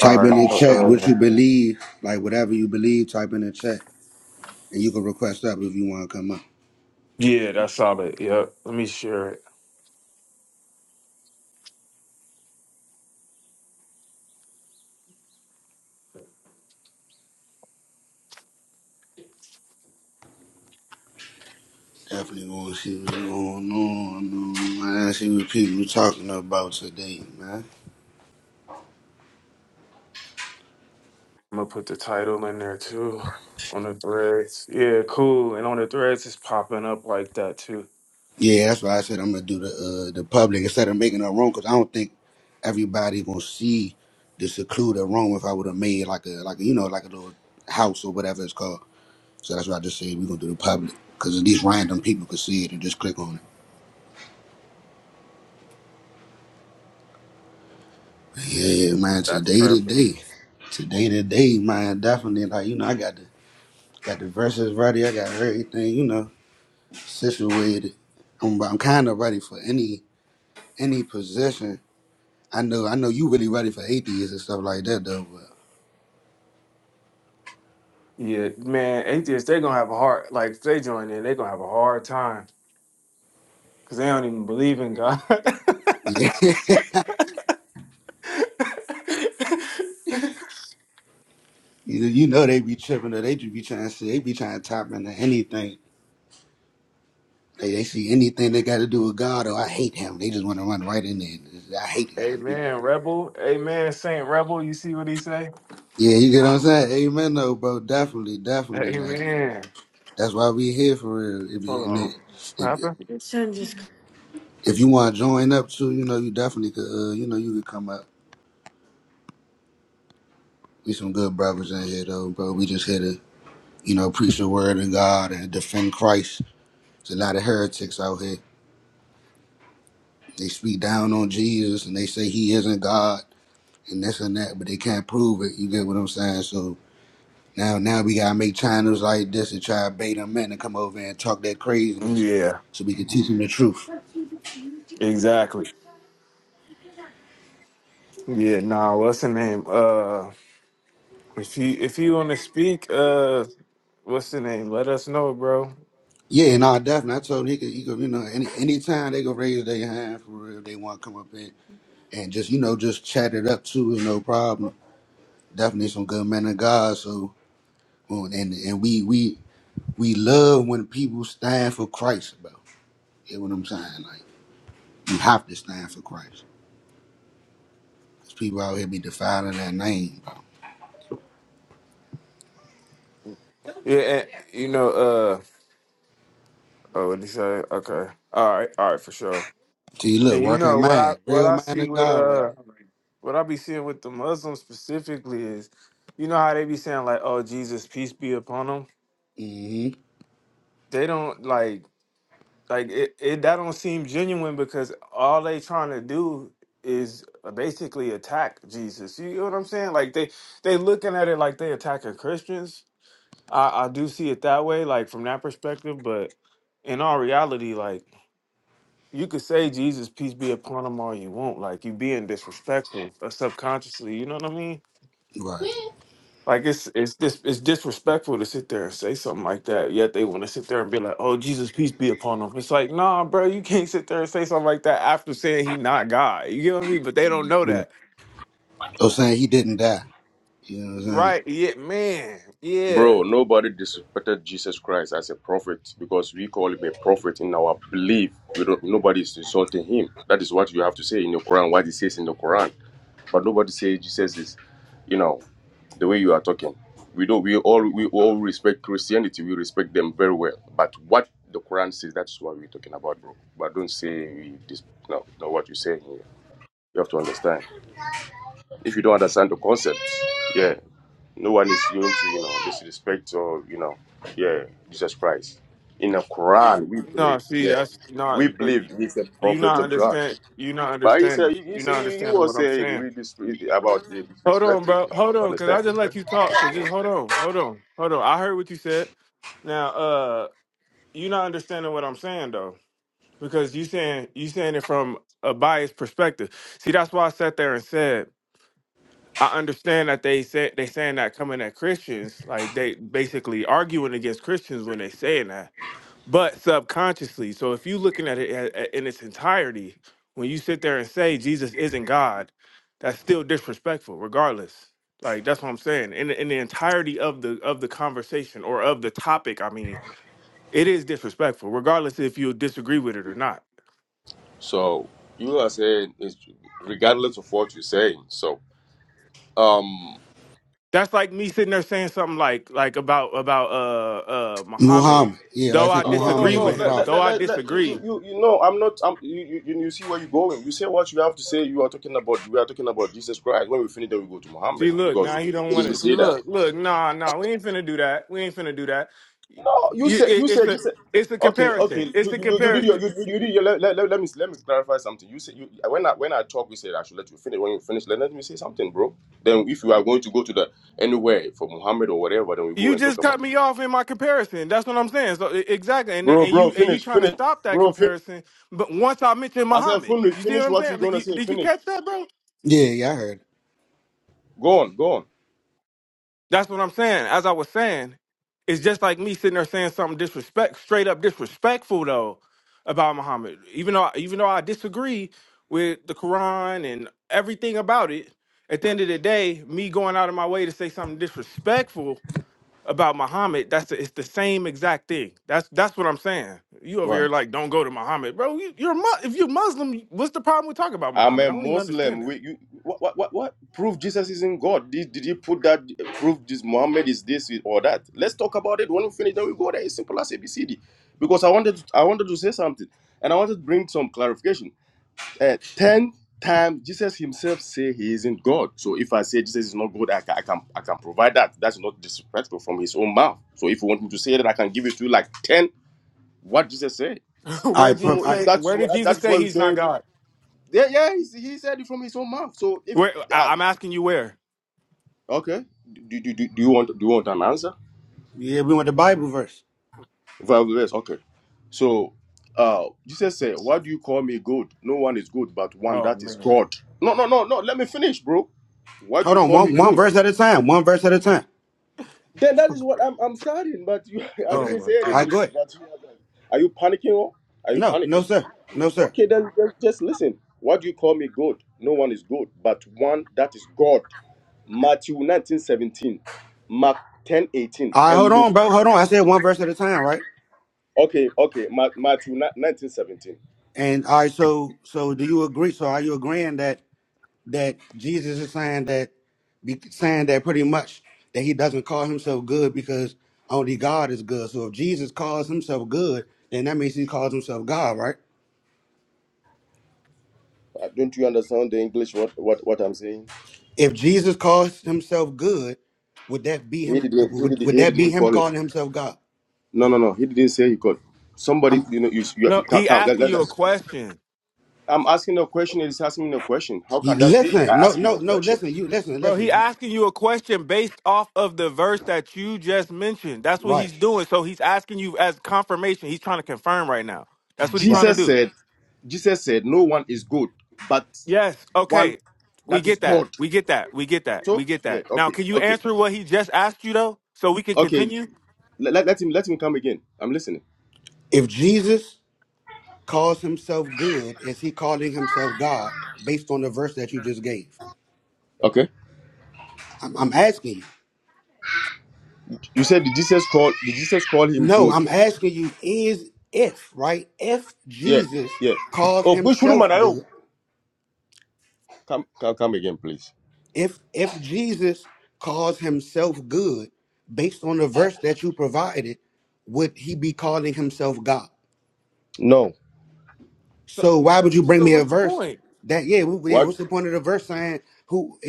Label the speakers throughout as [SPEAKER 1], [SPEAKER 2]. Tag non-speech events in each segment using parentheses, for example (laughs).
[SPEAKER 1] All right. Uh, yeah, that's solid. Yep. Let me share it. I'm gonna put the title in there too on the threads. Yeah, cool. And on the threads, it's popping up like that too. That's perfect. Yeah, man, atheists they gonna have a hard like if they join in, they gonna have a hard time because they don't even believe in God. (laughs) Amen, rebel. Amen, Saint Rebel. You see what he say? Amen. Hold on. What happened? Your son just- Yeah, exactly. Yeah, nah, what's the name? Uh If you if you want to speak, uh, what's the name? Let us know, bro. Yeah, and, you know, uh, oh, what he say? Okay, all right, all right, for sure. And you know what I what I see with uh what I be seeing with the Muslims specifically is, you know how they be saying like, oh Jesus, peace be upon them. They don't like like it, it that don't seem genuine because all they trying to do is basically attack Jesus. You know what I'm saying? Like they they looking at it like they attacking Christians I, I do see it that way, like from that perspective, but in all reality, like you could say Jesus, peace be upon him all you want. Like you being disrespectful uh, subconsciously, you know what I mean? Like it's it's dis, it's disrespectful to sit there and say something like that. Yet they want to sit there and be like, "Oh, Jesus, peace be upon him." It's like, nah, bro, you can't sit there and say something like that after saying he not God. You get what I mean? But they don't know that, right? Yeah, man, yeah.
[SPEAKER 2] Bro, nobody disrespected Jesus Christ as a prophet because we call him a prophet in our belief. We don't, nobody is insulting him. That is what you have to say in your Quran, what it says in the Quran. But nobody says Jesus is, you know, the way you are talking. We don't. We all we all respect Christianity. We respect them very well. But what the Quran says, that's what we're talking about, bro. But don't say we dis. No, no. What you're saying here, you have to understand. If you don't understand the concept, yeah. No one is going to, you know, disrespect or, you know, yeah, Jesus Christ. In the Quran, we
[SPEAKER 1] No,
[SPEAKER 2] believe,
[SPEAKER 1] see,
[SPEAKER 2] yeah,
[SPEAKER 1] that's
[SPEAKER 2] we
[SPEAKER 1] not.
[SPEAKER 2] believe he's a
[SPEAKER 1] You
[SPEAKER 2] prophet
[SPEAKER 1] not
[SPEAKER 2] of God.
[SPEAKER 1] understand. You not
[SPEAKER 2] But he said,
[SPEAKER 1] understanding.
[SPEAKER 2] he,
[SPEAKER 1] You not
[SPEAKER 2] he, he
[SPEAKER 1] understanding
[SPEAKER 2] was
[SPEAKER 1] what I'm
[SPEAKER 2] saying
[SPEAKER 1] saying.
[SPEAKER 2] we dis- about the
[SPEAKER 1] Hold on,
[SPEAKER 2] disrespecting.
[SPEAKER 1] bro. Hold
[SPEAKER 2] You
[SPEAKER 1] on, cause
[SPEAKER 2] understand?
[SPEAKER 1] I just let you talk. So
[SPEAKER 2] Yeah.
[SPEAKER 1] just hold on. Hold on. Hold on. I heard what you said. Now, uh, you not understanding what I'm saying though, because you saying you saying it from a biased perspective. See, that's why I sat there and said I understand that they said they saying that coming at Christians, like they basically arguing against Christians when they saying that. but subconsciously. So if you're looking at it a- a- in its entirety, when you sit there and say Jesus isn't God, that's still disrespectful, regardless. Like that's what I'm saying. In the, in the entirety of the of the conversation or of the topic, I mean, it is disrespectful, regardless if you disagree with it or not.
[SPEAKER 2] So you are saying, it's, regardless of what you're saying, so. um,
[SPEAKER 1] That's like me sitting there saying something like like about about uh uh Muhammad, though I
[SPEAKER 2] No, no, no,
[SPEAKER 1] disagree
[SPEAKER 2] no.
[SPEAKER 1] with
[SPEAKER 2] Let,
[SPEAKER 1] him,
[SPEAKER 2] let,
[SPEAKER 1] though
[SPEAKER 2] let,
[SPEAKER 1] I
[SPEAKER 2] let, let- you,
[SPEAKER 1] disagree.
[SPEAKER 2] you, you you know, I'm not. I'm, you, you, you see where you're going. You say what you have to say. You are talking about. We are talking about Jesus Christ. When we finish, then we go to
[SPEAKER 1] See,
[SPEAKER 2] Muhammad
[SPEAKER 1] look,
[SPEAKER 2] because
[SPEAKER 1] now he don't
[SPEAKER 2] you
[SPEAKER 1] want
[SPEAKER 2] didn't
[SPEAKER 1] it. See,
[SPEAKER 2] say that.
[SPEAKER 1] look, look, nah, nah, we ain't finna do that. We ain't finna do that.
[SPEAKER 2] No, you
[SPEAKER 1] You,
[SPEAKER 2] said.
[SPEAKER 1] it,
[SPEAKER 2] You
[SPEAKER 1] it's
[SPEAKER 2] said. You
[SPEAKER 1] a,
[SPEAKER 2] said.
[SPEAKER 1] it's a
[SPEAKER 2] Okay,
[SPEAKER 1] comparison.
[SPEAKER 2] okay.
[SPEAKER 1] It's
[SPEAKER 2] You,
[SPEAKER 1] a
[SPEAKER 2] you, you you did your.
[SPEAKER 1] comparison.
[SPEAKER 2] You, you you did your. Let, let, let, let me let me clarify something. You said. You, when I when I talk, we said I should let you finish. When you finish, let, let me say something, bro. Then if you are going to go to the anywhere for Muhammad or whatever, then we go
[SPEAKER 1] You
[SPEAKER 2] and talk
[SPEAKER 1] just
[SPEAKER 2] about.
[SPEAKER 1] cut
[SPEAKER 2] It.
[SPEAKER 1] me off in my comparison. That's what I'm saying. So e- exactly, and
[SPEAKER 2] Bro,
[SPEAKER 1] and
[SPEAKER 2] bro,
[SPEAKER 1] you and you
[SPEAKER 2] finish,
[SPEAKER 1] trying to
[SPEAKER 2] finish,
[SPEAKER 1] stop that
[SPEAKER 2] bro. Finish.
[SPEAKER 1] comparison. But once I mentioned
[SPEAKER 2] I said,
[SPEAKER 1] Muhammad,
[SPEAKER 2] finish,
[SPEAKER 1] you see what
[SPEAKER 2] finish
[SPEAKER 1] I'm
[SPEAKER 2] what you're
[SPEAKER 1] saying? Did
[SPEAKER 2] gonna
[SPEAKER 1] you,
[SPEAKER 2] say.
[SPEAKER 1] did you
[SPEAKER 2] Finish.
[SPEAKER 1] catch that, bro?
[SPEAKER 2] Go on, go on.
[SPEAKER 1] That's what I'm saying. As I was saying, it's just like me sitting there saying something disrespect, straight up disrespectful though about Muhammad. Even though even though I disagree with the Quran and everything about it, at the end of the day, me going out of my way to say something disrespectful about Muhammad, that's the, it's the same exact thing. That's that's what I'm saying. You over here like don't go to Muhammad, bro. You, you're mu- if you're Muslim, what's the problem with talking about
[SPEAKER 2] I'm a
[SPEAKER 1] Muhammad? I don't even understand
[SPEAKER 2] Muslim. We,
[SPEAKER 1] that.
[SPEAKER 2] you, what, what, what, what? Prove Jesus isn't God. Did, did you put that? Prove this Muhammad is this or that? Let's talk about it. When we finish, then we go there. It's simple as ABCD. Because I wanted, to, I wanted to say something, and I wanted to bring some clarification. Uh, Ten times Jesus himself say he isn't God. So if I say Jesus is not God, I can, I can, I can provide that. That's not disrespectful from his own mouth. So if you want me to say that, I can give it to you like ten. What Jesus said.
[SPEAKER 1] (laughs) where did
[SPEAKER 2] So
[SPEAKER 1] Jesus
[SPEAKER 2] if
[SPEAKER 1] say?
[SPEAKER 2] that's
[SPEAKER 1] Where did
[SPEAKER 2] what
[SPEAKER 1] Jesus
[SPEAKER 2] that's
[SPEAKER 1] say
[SPEAKER 2] what we
[SPEAKER 1] he's not
[SPEAKER 2] say.
[SPEAKER 1] God?
[SPEAKER 2] Yeah, yeah, he, s- he said it from his own mouth. So if
[SPEAKER 1] Where
[SPEAKER 2] uh,
[SPEAKER 1] I, I'm asking you where?
[SPEAKER 2] okay, do, do, do, do you want do you want an answer? Well, yes, okay. So uh Jesus said, Why do you call me good? No one is good but one
[SPEAKER 1] Oh
[SPEAKER 2] that is
[SPEAKER 1] man.
[SPEAKER 2] God. No, no, no, no, let me finish, bro. Why do you call me good? Then that is what I'm I'm shouting, but you (laughs) I
[SPEAKER 1] Oh
[SPEAKER 2] didn't
[SPEAKER 1] my
[SPEAKER 2] say anything.
[SPEAKER 1] goodness.
[SPEAKER 2] But you are, like- are you panicking or are you panicking? Okay, then just, just listen. What do you call me good? No one is good, but one that is God. Matthew 19 17, 17, Mark 10 eighteen, and Luke. Okay, okay, Mark, Matthew nineteen seventeen. Uh, Don't you understand the English? What what what I'm saying? He didn't. He didn't. He didn't call it. No, no, no. He didn't say he called. Somebody, you know, you, you,
[SPEAKER 1] No,
[SPEAKER 2] you come.
[SPEAKER 1] he
[SPEAKER 2] come, Let,
[SPEAKER 1] asking
[SPEAKER 2] let,
[SPEAKER 1] you
[SPEAKER 2] let.
[SPEAKER 1] a question.
[SPEAKER 2] I'm asking a question. He's asking me a question. How can that be? I ask him a question.
[SPEAKER 1] Bro, he asking you a question based off of the verse that you just mentioned. That's what he's doing. So he's asking you as confirmation. He's trying to confirm right now. That's what he's trying to
[SPEAKER 2] Jesus
[SPEAKER 1] do.
[SPEAKER 2] said, Jesus said, no one is good but
[SPEAKER 1] Yes.
[SPEAKER 2] one
[SPEAKER 1] Okay. We
[SPEAKER 2] that is
[SPEAKER 1] get that.
[SPEAKER 2] God.
[SPEAKER 1] We get that. We get that. We
[SPEAKER 2] So
[SPEAKER 1] get
[SPEAKER 2] yeah,
[SPEAKER 1] that. Now,
[SPEAKER 2] okay,
[SPEAKER 1] can you
[SPEAKER 2] okay,
[SPEAKER 1] answer what he just asked you though, so we can
[SPEAKER 2] okay.
[SPEAKER 1] continue?
[SPEAKER 2] Let, let, let him let him come again. I'm listening. Okay. You said did Jesus call did Jesus call him good? Yeah, yeah. Oh, which room are you? Come come come again, please. No.
[SPEAKER 1] So, so what's the point?
[SPEAKER 2] What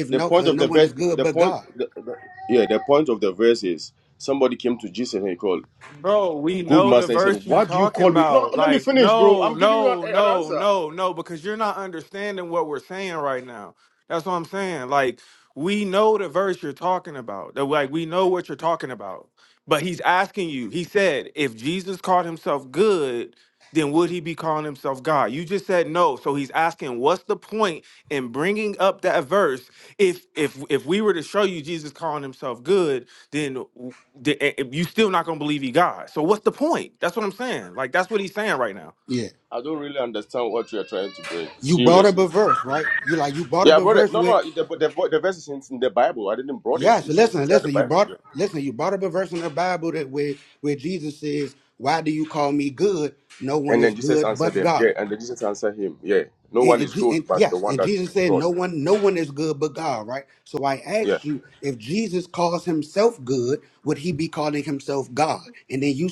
[SPEAKER 2] the point of the verse the point the, the- yeah, the point of the verse is somebody came to Jesus and he called
[SPEAKER 1] Bro, we
[SPEAKER 2] good
[SPEAKER 1] know the
[SPEAKER 2] master he said,
[SPEAKER 1] verse you
[SPEAKER 2] "Why do you
[SPEAKER 1] talking
[SPEAKER 2] call me? No, no,
[SPEAKER 1] about.
[SPEAKER 2] let me
[SPEAKER 1] Like,
[SPEAKER 2] finish, bro.
[SPEAKER 1] no,
[SPEAKER 2] I'm giving you an,
[SPEAKER 1] no,
[SPEAKER 2] an
[SPEAKER 1] no,
[SPEAKER 2] answer.
[SPEAKER 1] no, no, because you're not understanding what we're saying right now. That's what I'm saying. Like, we know the verse you're talking about. That like we know what you're talking about. But he's asking you, he said, if Jesus called himself good, then would he be calling himself God? You just said no. So he's asking, what's the point in bringing up that verse? If if if we were to show you Jesus calling himself good, then the- eh, eh, you still not gonna believe he God. So what's the point? That's what I'm saying. Like that's what he's saying right now.
[SPEAKER 2] I don't really understand what you are trying to bring. Seriously. Yeah, I brought it. No, no, the, the, the verse is in in the Bible. I didn't brought it. It's in- inside the Bible. Yeah. And then Jesus answered them. Yeah, and then Jesus answered him. Yeah, no one is good but the one that is God. Yeah.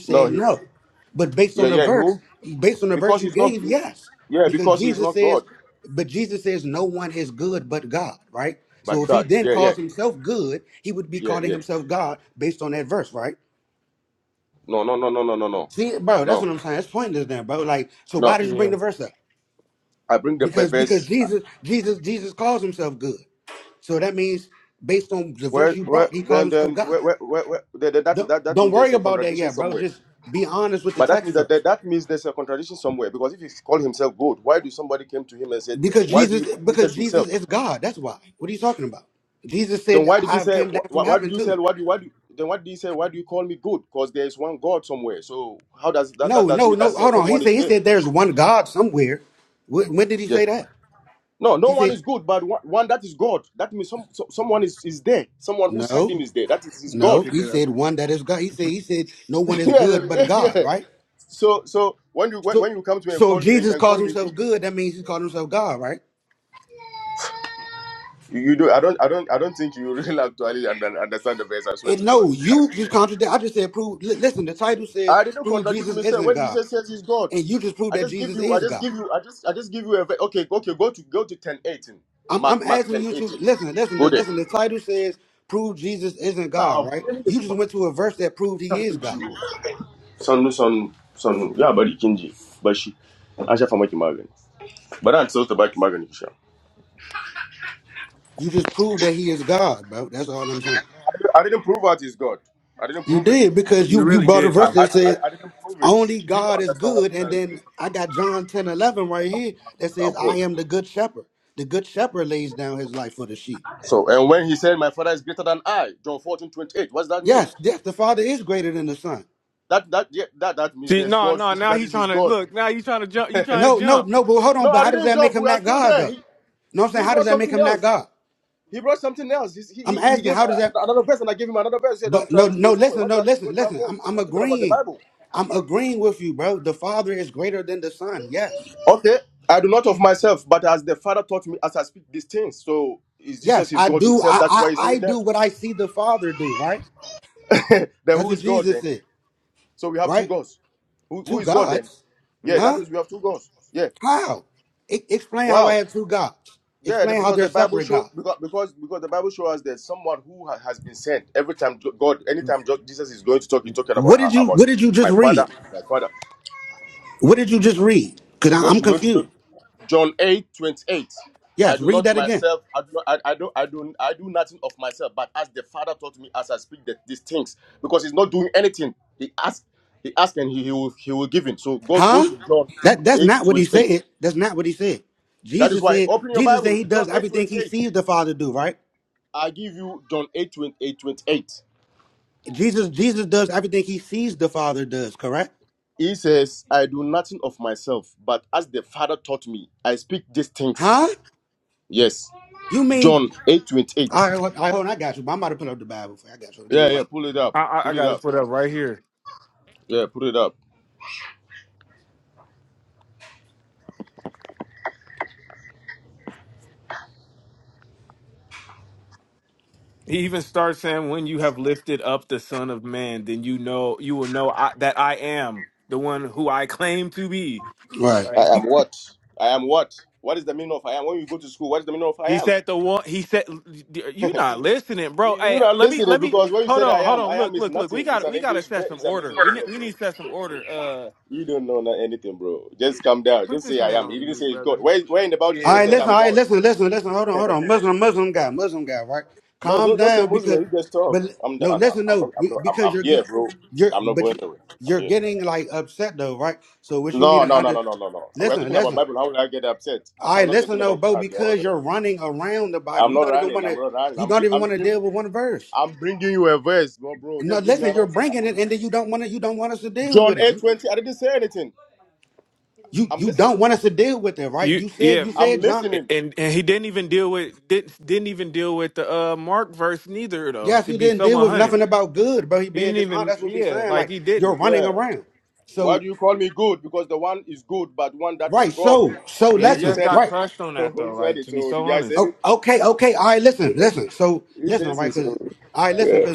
[SPEAKER 2] No, he, yeah, yeah, he will- because he's not, yeah, because he's not God but God. Yeah, yeah, yeah, yeah. No, no, no, no, no, no, no, no, no.
[SPEAKER 1] Yeah,
[SPEAKER 2] I bring the verse. Where, where, then, then, where, where, where, where that, that, that, that means there's a contradiction somewhere. But that means that, that that means there's a contradiction somewhere because if he called himself God, why do somebody came to him and said, "Why do you Jesus himself?" Then why did he say, "Why, why did you say? Why do you, why do?" You, Then what did he say? Why do you call me good? Because there is one God somewhere. So how does that that does mean that some- someone is there? Yeah. No, no one is good, but one, one that is God. That means some, so, someone is, is there. Someone who sent him is there. That is his
[SPEAKER 1] you
[SPEAKER 2] God.
[SPEAKER 1] pick it up.
[SPEAKER 2] (laughs) yeah, yeah. So so when you when, when you come to me and call me and, and call me good, You, you do. I don't. I don't. I don't think you (laughs) really actually under- understand the verse. I swear to God. (laughs) I swear. I didn't contradict myself. When Jesus says he's God, I just give you. I just give you. I just. I just give you a. ve- Okay. Okay. Go to. Go to ten eighteen. Mark. Mark ten eighteen. Go there. Son. Son. Son. Yeah, but you can do. But she. I shall find my Kimagan. But I'm still to buy Kimagan. you shall. I didn't I didn't prove that he's God. I didn't prove it.
[SPEAKER 1] You really did
[SPEAKER 2] I,
[SPEAKER 1] though.
[SPEAKER 2] I, I I didn't prove it. You don't understand what I'm trying to do. I'm cold. So, and when he said, "My father is greater than I," John 14 28. what does that mean? That that yeah, that that means
[SPEAKER 1] See,
[SPEAKER 2] there's
[SPEAKER 1] no,
[SPEAKER 2] God.
[SPEAKER 1] no.
[SPEAKER 2] (laughs)
[SPEAKER 1] Now
[SPEAKER 2] That
[SPEAKER 1] he's
[SPEAKER 2] is his
[SPEAKER 1] trying to
[SPEAKER 2] God.
[SPEAKER 1] look. Now he's trying to jump. You trying to jump?
[SPEAKER 2] No, I didn't jump. We are still there. He he brought something else. He brought something else. He's- He, he, he gave uh, another verse, and I gave him another verse. He said, "I'm trying to go somewhere. Where do I where do I go? We are talking about the Bible." Okay, I do not of myself, but as the Father taught me, as I speak these things. So is Jesus is God Himself? That's why He's saying that. Then who is God then? So we have two gods. Who, who is God then? Yeah,
[SPEAKER 1] Yeah,
[SPEAKER 2] that means we have two gods. Yeah. Wow. Yeah, the- because the Bible show because because because the Bible shows us that someone who ha- has been sent. Every time Jo- God, anytime Jo- Jesus is going to talk, he's talking about her, about it. My father, my father. Don't you don't you know? John eight twenty eight. I do not myself. I do not. I, I do. I do. I do nothing of myself. But as the Father taught me, as I speak the, these things, because he's not doing anything. He asked. He asked, and he, he will. He will give him. So go go to John two eight twenty eight. That is why open your Bible. John eight twenty eight. I give you John eight twenty eight twenty eight. He says, I do nothing of myself, but as the Father taught me, I speak these things. Yes. John 8 28. Yeah, yeah, pull it up.
[SPEAKER 1] I, I, I
[SPEAKER 2] Pull it
[SPEAKER 1] got to
[SPEAKER 2] up.
[SPEAKER 1] put up right here.
[SPEAKER 2] Yeah, pull it up.
[SPEAKER 1] He even starts saying, "When you have lifted up the Son of Man, then you know you will know I, that I am the one who I claim to be."
[SPEAKER 2] I am what? I am what? What is the meaning of I am? When you go to school, what is the meaning of I
[SPEAKER 1] He
[SPEAKER 2] am?
[SPEAKER 1] said the one. He said, "You not listening,
[SPEAKER 2] You-
[SPEAKER 1] bro."
[SPEAKER 2] You're
[SPEAKER 1] Hey,
[SPEAKER 2] not
[SPEAKER 1] let me
[SPEAKER 2] listening
[SPEAKER 1] let me
[SPEAKER 2] because when you
[SPEAKER 1] hold
[SPEAKER 2] said I
[SPEAKER 1] on, hold
[SPEAKER 2] am,
[SPEAKER 1] on.
[SPEAKER 2] I am
[SPEAKER 1] Look,
[SPEAKER 2] is
[SPEAKER 1] look, look. We
[SPEAKER 2] nothing. It's
[SPEAKER 1] got
[SPEAKER 2] an
[SPEAKER 1] we got to
[SPEAKER 2] English verb.
[SPEAKER 1] set some
[SPEAKER 2] It's an
[SPEAKER 1] order.
[SPEAKER 2] English
[SPEAKER 1] We ne-
[SPEAKER 2] verb,
[SPEAKER 1] we
[SPEAKER 2] bro.
[SPEAKER 1] need to set some order. Uh,
[SPEAKER 2] You don't know na- anything, bro. Just calm down. Don't
[SPEAKER 1] put this
[SPEAKER 2] say I
[SPEAKER 1] man
[SPEAKER 2] am. He
[SPEAKER 1] on
[SPEAKER 2] didn't say
[SPEAKER 1] mute,
[SPEAKER 2] he's God.
[SPEAKER 1] brother.
[SPEAKER 2] Where, where in the Bible did Jesus
[SPEAKER 1] Yeah,
[SPEAKER 2] said
[SPEAKER 1] hold
[SPEAKER 2] I'm
[SPEAKER 1] on.
[SPEAKER 2] God? No, just, just say Muslim. You just talk. I'm the Allah. I'm not. I'm not. I'm, I'm here, bro. I'm not going away. I'm here. No, no, no, no, no, no, no. We are talking about Bible. How will I get upset? (laughs) I'm not talking about Quran. How will I get upset? I'm not running. I'm not running. I'm. gi- I'm giving. I'm bringing you a verse, bro, bro. Just give me an answer. John eight twenty. I didn't say anything. I'm listening.
[SPEAKER 1] You yeah,
[SPEAKER 2] I'm listening.
[SPEAKER 1] and and he didn't even deal with didn't didn't even deal with the uh Mark verse neither though. To be so one hundred, he didn't even yeah like he didn't,
[SPEAKER 2] Yeah. Why do you call me good? Because the one is good, but one that is God.
[SPEAKER 1] and he
[SPEAKER 2] Yeah, he
[SPEAKER 1] just
[SPEAKER 2] said
[SPEAKER 1] got
[SPEAKER 2] it.
[SPEAKER 1] crushed on
[SPEAKER 2] (laughs)
[SPEAKER 1] that
[SPEAKER 2] he
[SPEAKER 1] though.
[SPEAKER 2] said
[SPEAKER 1] Like
[SPEAKER 2] it.
[SPEAKER 1] to be
[SPEAKER 2] So
[SPEAKER 1] so
[SPEAKER 2] did I say
[SPEAKER 1] honest,
[SPEAKER 2] it? He says it. So. yeah.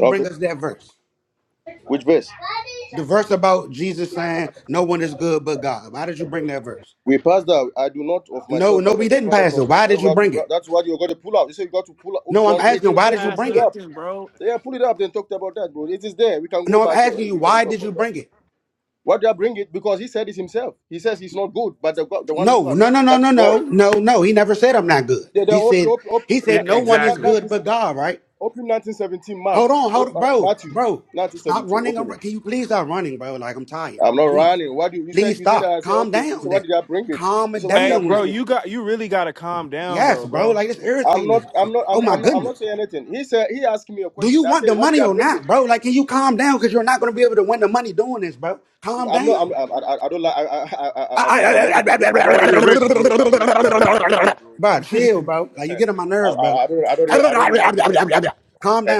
[SPEAKER 2] Okay. Which verse? We passed that I do not of myself, but as the Father taught me. That we have to, that's what you got to pull out. You say you got to pull out oh, John
[SPEAKER 1] he
[SPEAKER 2] 8
[SPEAKER 1] didn't
[SPEAKER 2] 28, so
[SPEAKER 1] pass
[SPEAKER 2] pull it up.
[SPEAKER 1] nothing, bro.
[SPEAKER 2] Yeah, pull it up. Then talked about that, bro. It is there. We can go back. Uh, we can talk about that. Why do I bring it? Because he said it himself. He says he's not good, but the God, the one who has sent it, that is God. They they open open open
[SPEAKER 1] Yeah,
[SPEAKER 2] na- na- na- na-
[SPEAKER 1] exactly.
[SPEAKER 2] 19 open 1917 Mark op, uh, Matthew 1917. Open it. I'm not running. What do you, you said? You said I said okay. You said why did I bring it? You said why did I
[SPEAKER 1] Hey, bro,
[SPEAKER 2] bring it?
[SPEAKER 1] you got you really gotta calm down though, bro. (laughs)
[SPEAKER 2] I'm not. I'm not. I'm. I'm not. I'm not saying anything. He said. He asked me a question. I said, "What do you bring it?" I'm not. I'm. I'm I, I don't like. I, I. I.
[SPEAKER 3] Right.
[SPEAKER 2] I. I'm already. ri- I'm already rich, bro. I'm already rich. I don't need your money, bro. (laughs) I, I. I don't. I don't. Really, I don't really need your money. (laughs)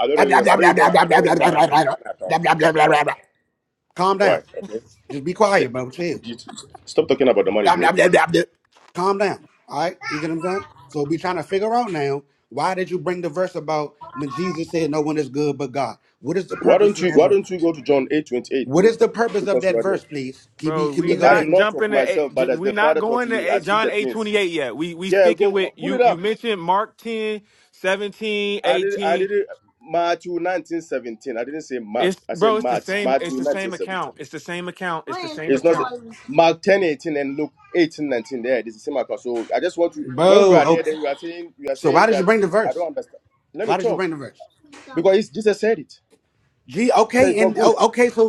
[SPEAKER 2] I don't really. I don't even. I don't even have any an account. So you know why? Okay. Th- you- Stop talking about the money, bro. Why don't you? Why don't you go to John eight twenty eight, bro? Because you are there.
[SPEAKER 1] Bro, we
[SPEAKER 2] The- I do
[SPEAKER 1] not
[SPEAKER 2] not of
[SPEAKER 1] jumping to
[SPEAKER 2] myself,
[SPEAKER 1] eight,
[SPEAKER 2] but
[SPEAKER 1] ju-
[SPEAKER 2] as
[SPEAKER 1] we
[SPEAKER 2] the
[SPEAKER 1] not
[SPEAKER 2] Father taught
[SPEAKER 1] going to
[SPEAKER 2] me, I
[SPEAKER 1] eight,
[SPEAKER 2] speak the
[SPEAKER 1] John eight
[SPEAKER 2] things.
[SPEAKER 1] twenty eight yet. We we
[SPEAKER 2] Yeah,
[SPEAKER 1] sticking with
[SPEAKER 2] go pull it
[SPEAKER 1] you. You
[SPEAKER 2] up.
[SPEAKER 1] mentioned Mark 10 17
[SPEAKER 2] I did I
[SPEAKER 1] 18.
[SPEAKER 2] did it Matthew nineteen seventeen. I didn't say Mark.
[SPEAKER 1] It's
[SPEAKER 2] I said
[SPEAKER 1] bro, it's the
[SPEAKER 2] Matt
[SPEAKER 1] same.
[SPEAKER 2] Matthew
[SPEAKER 1] It's the
[SPEAKER 2] nineteen
[SPEAKER 1] same account.
[SPEAKER 2] seventeen.
[SPEAKER 1] It's the same account. It's the same
[SPEAKER 2] It's not
[SPEAKER 1] account.
[SPEAKER 2] Mark ten eighteen and Luke eighteen nineteen. There, this is same account. So I just want to when we are there, then you are saying you are saying that I don't understand. Let me talk because it's, Jesus said it. He said it's not good.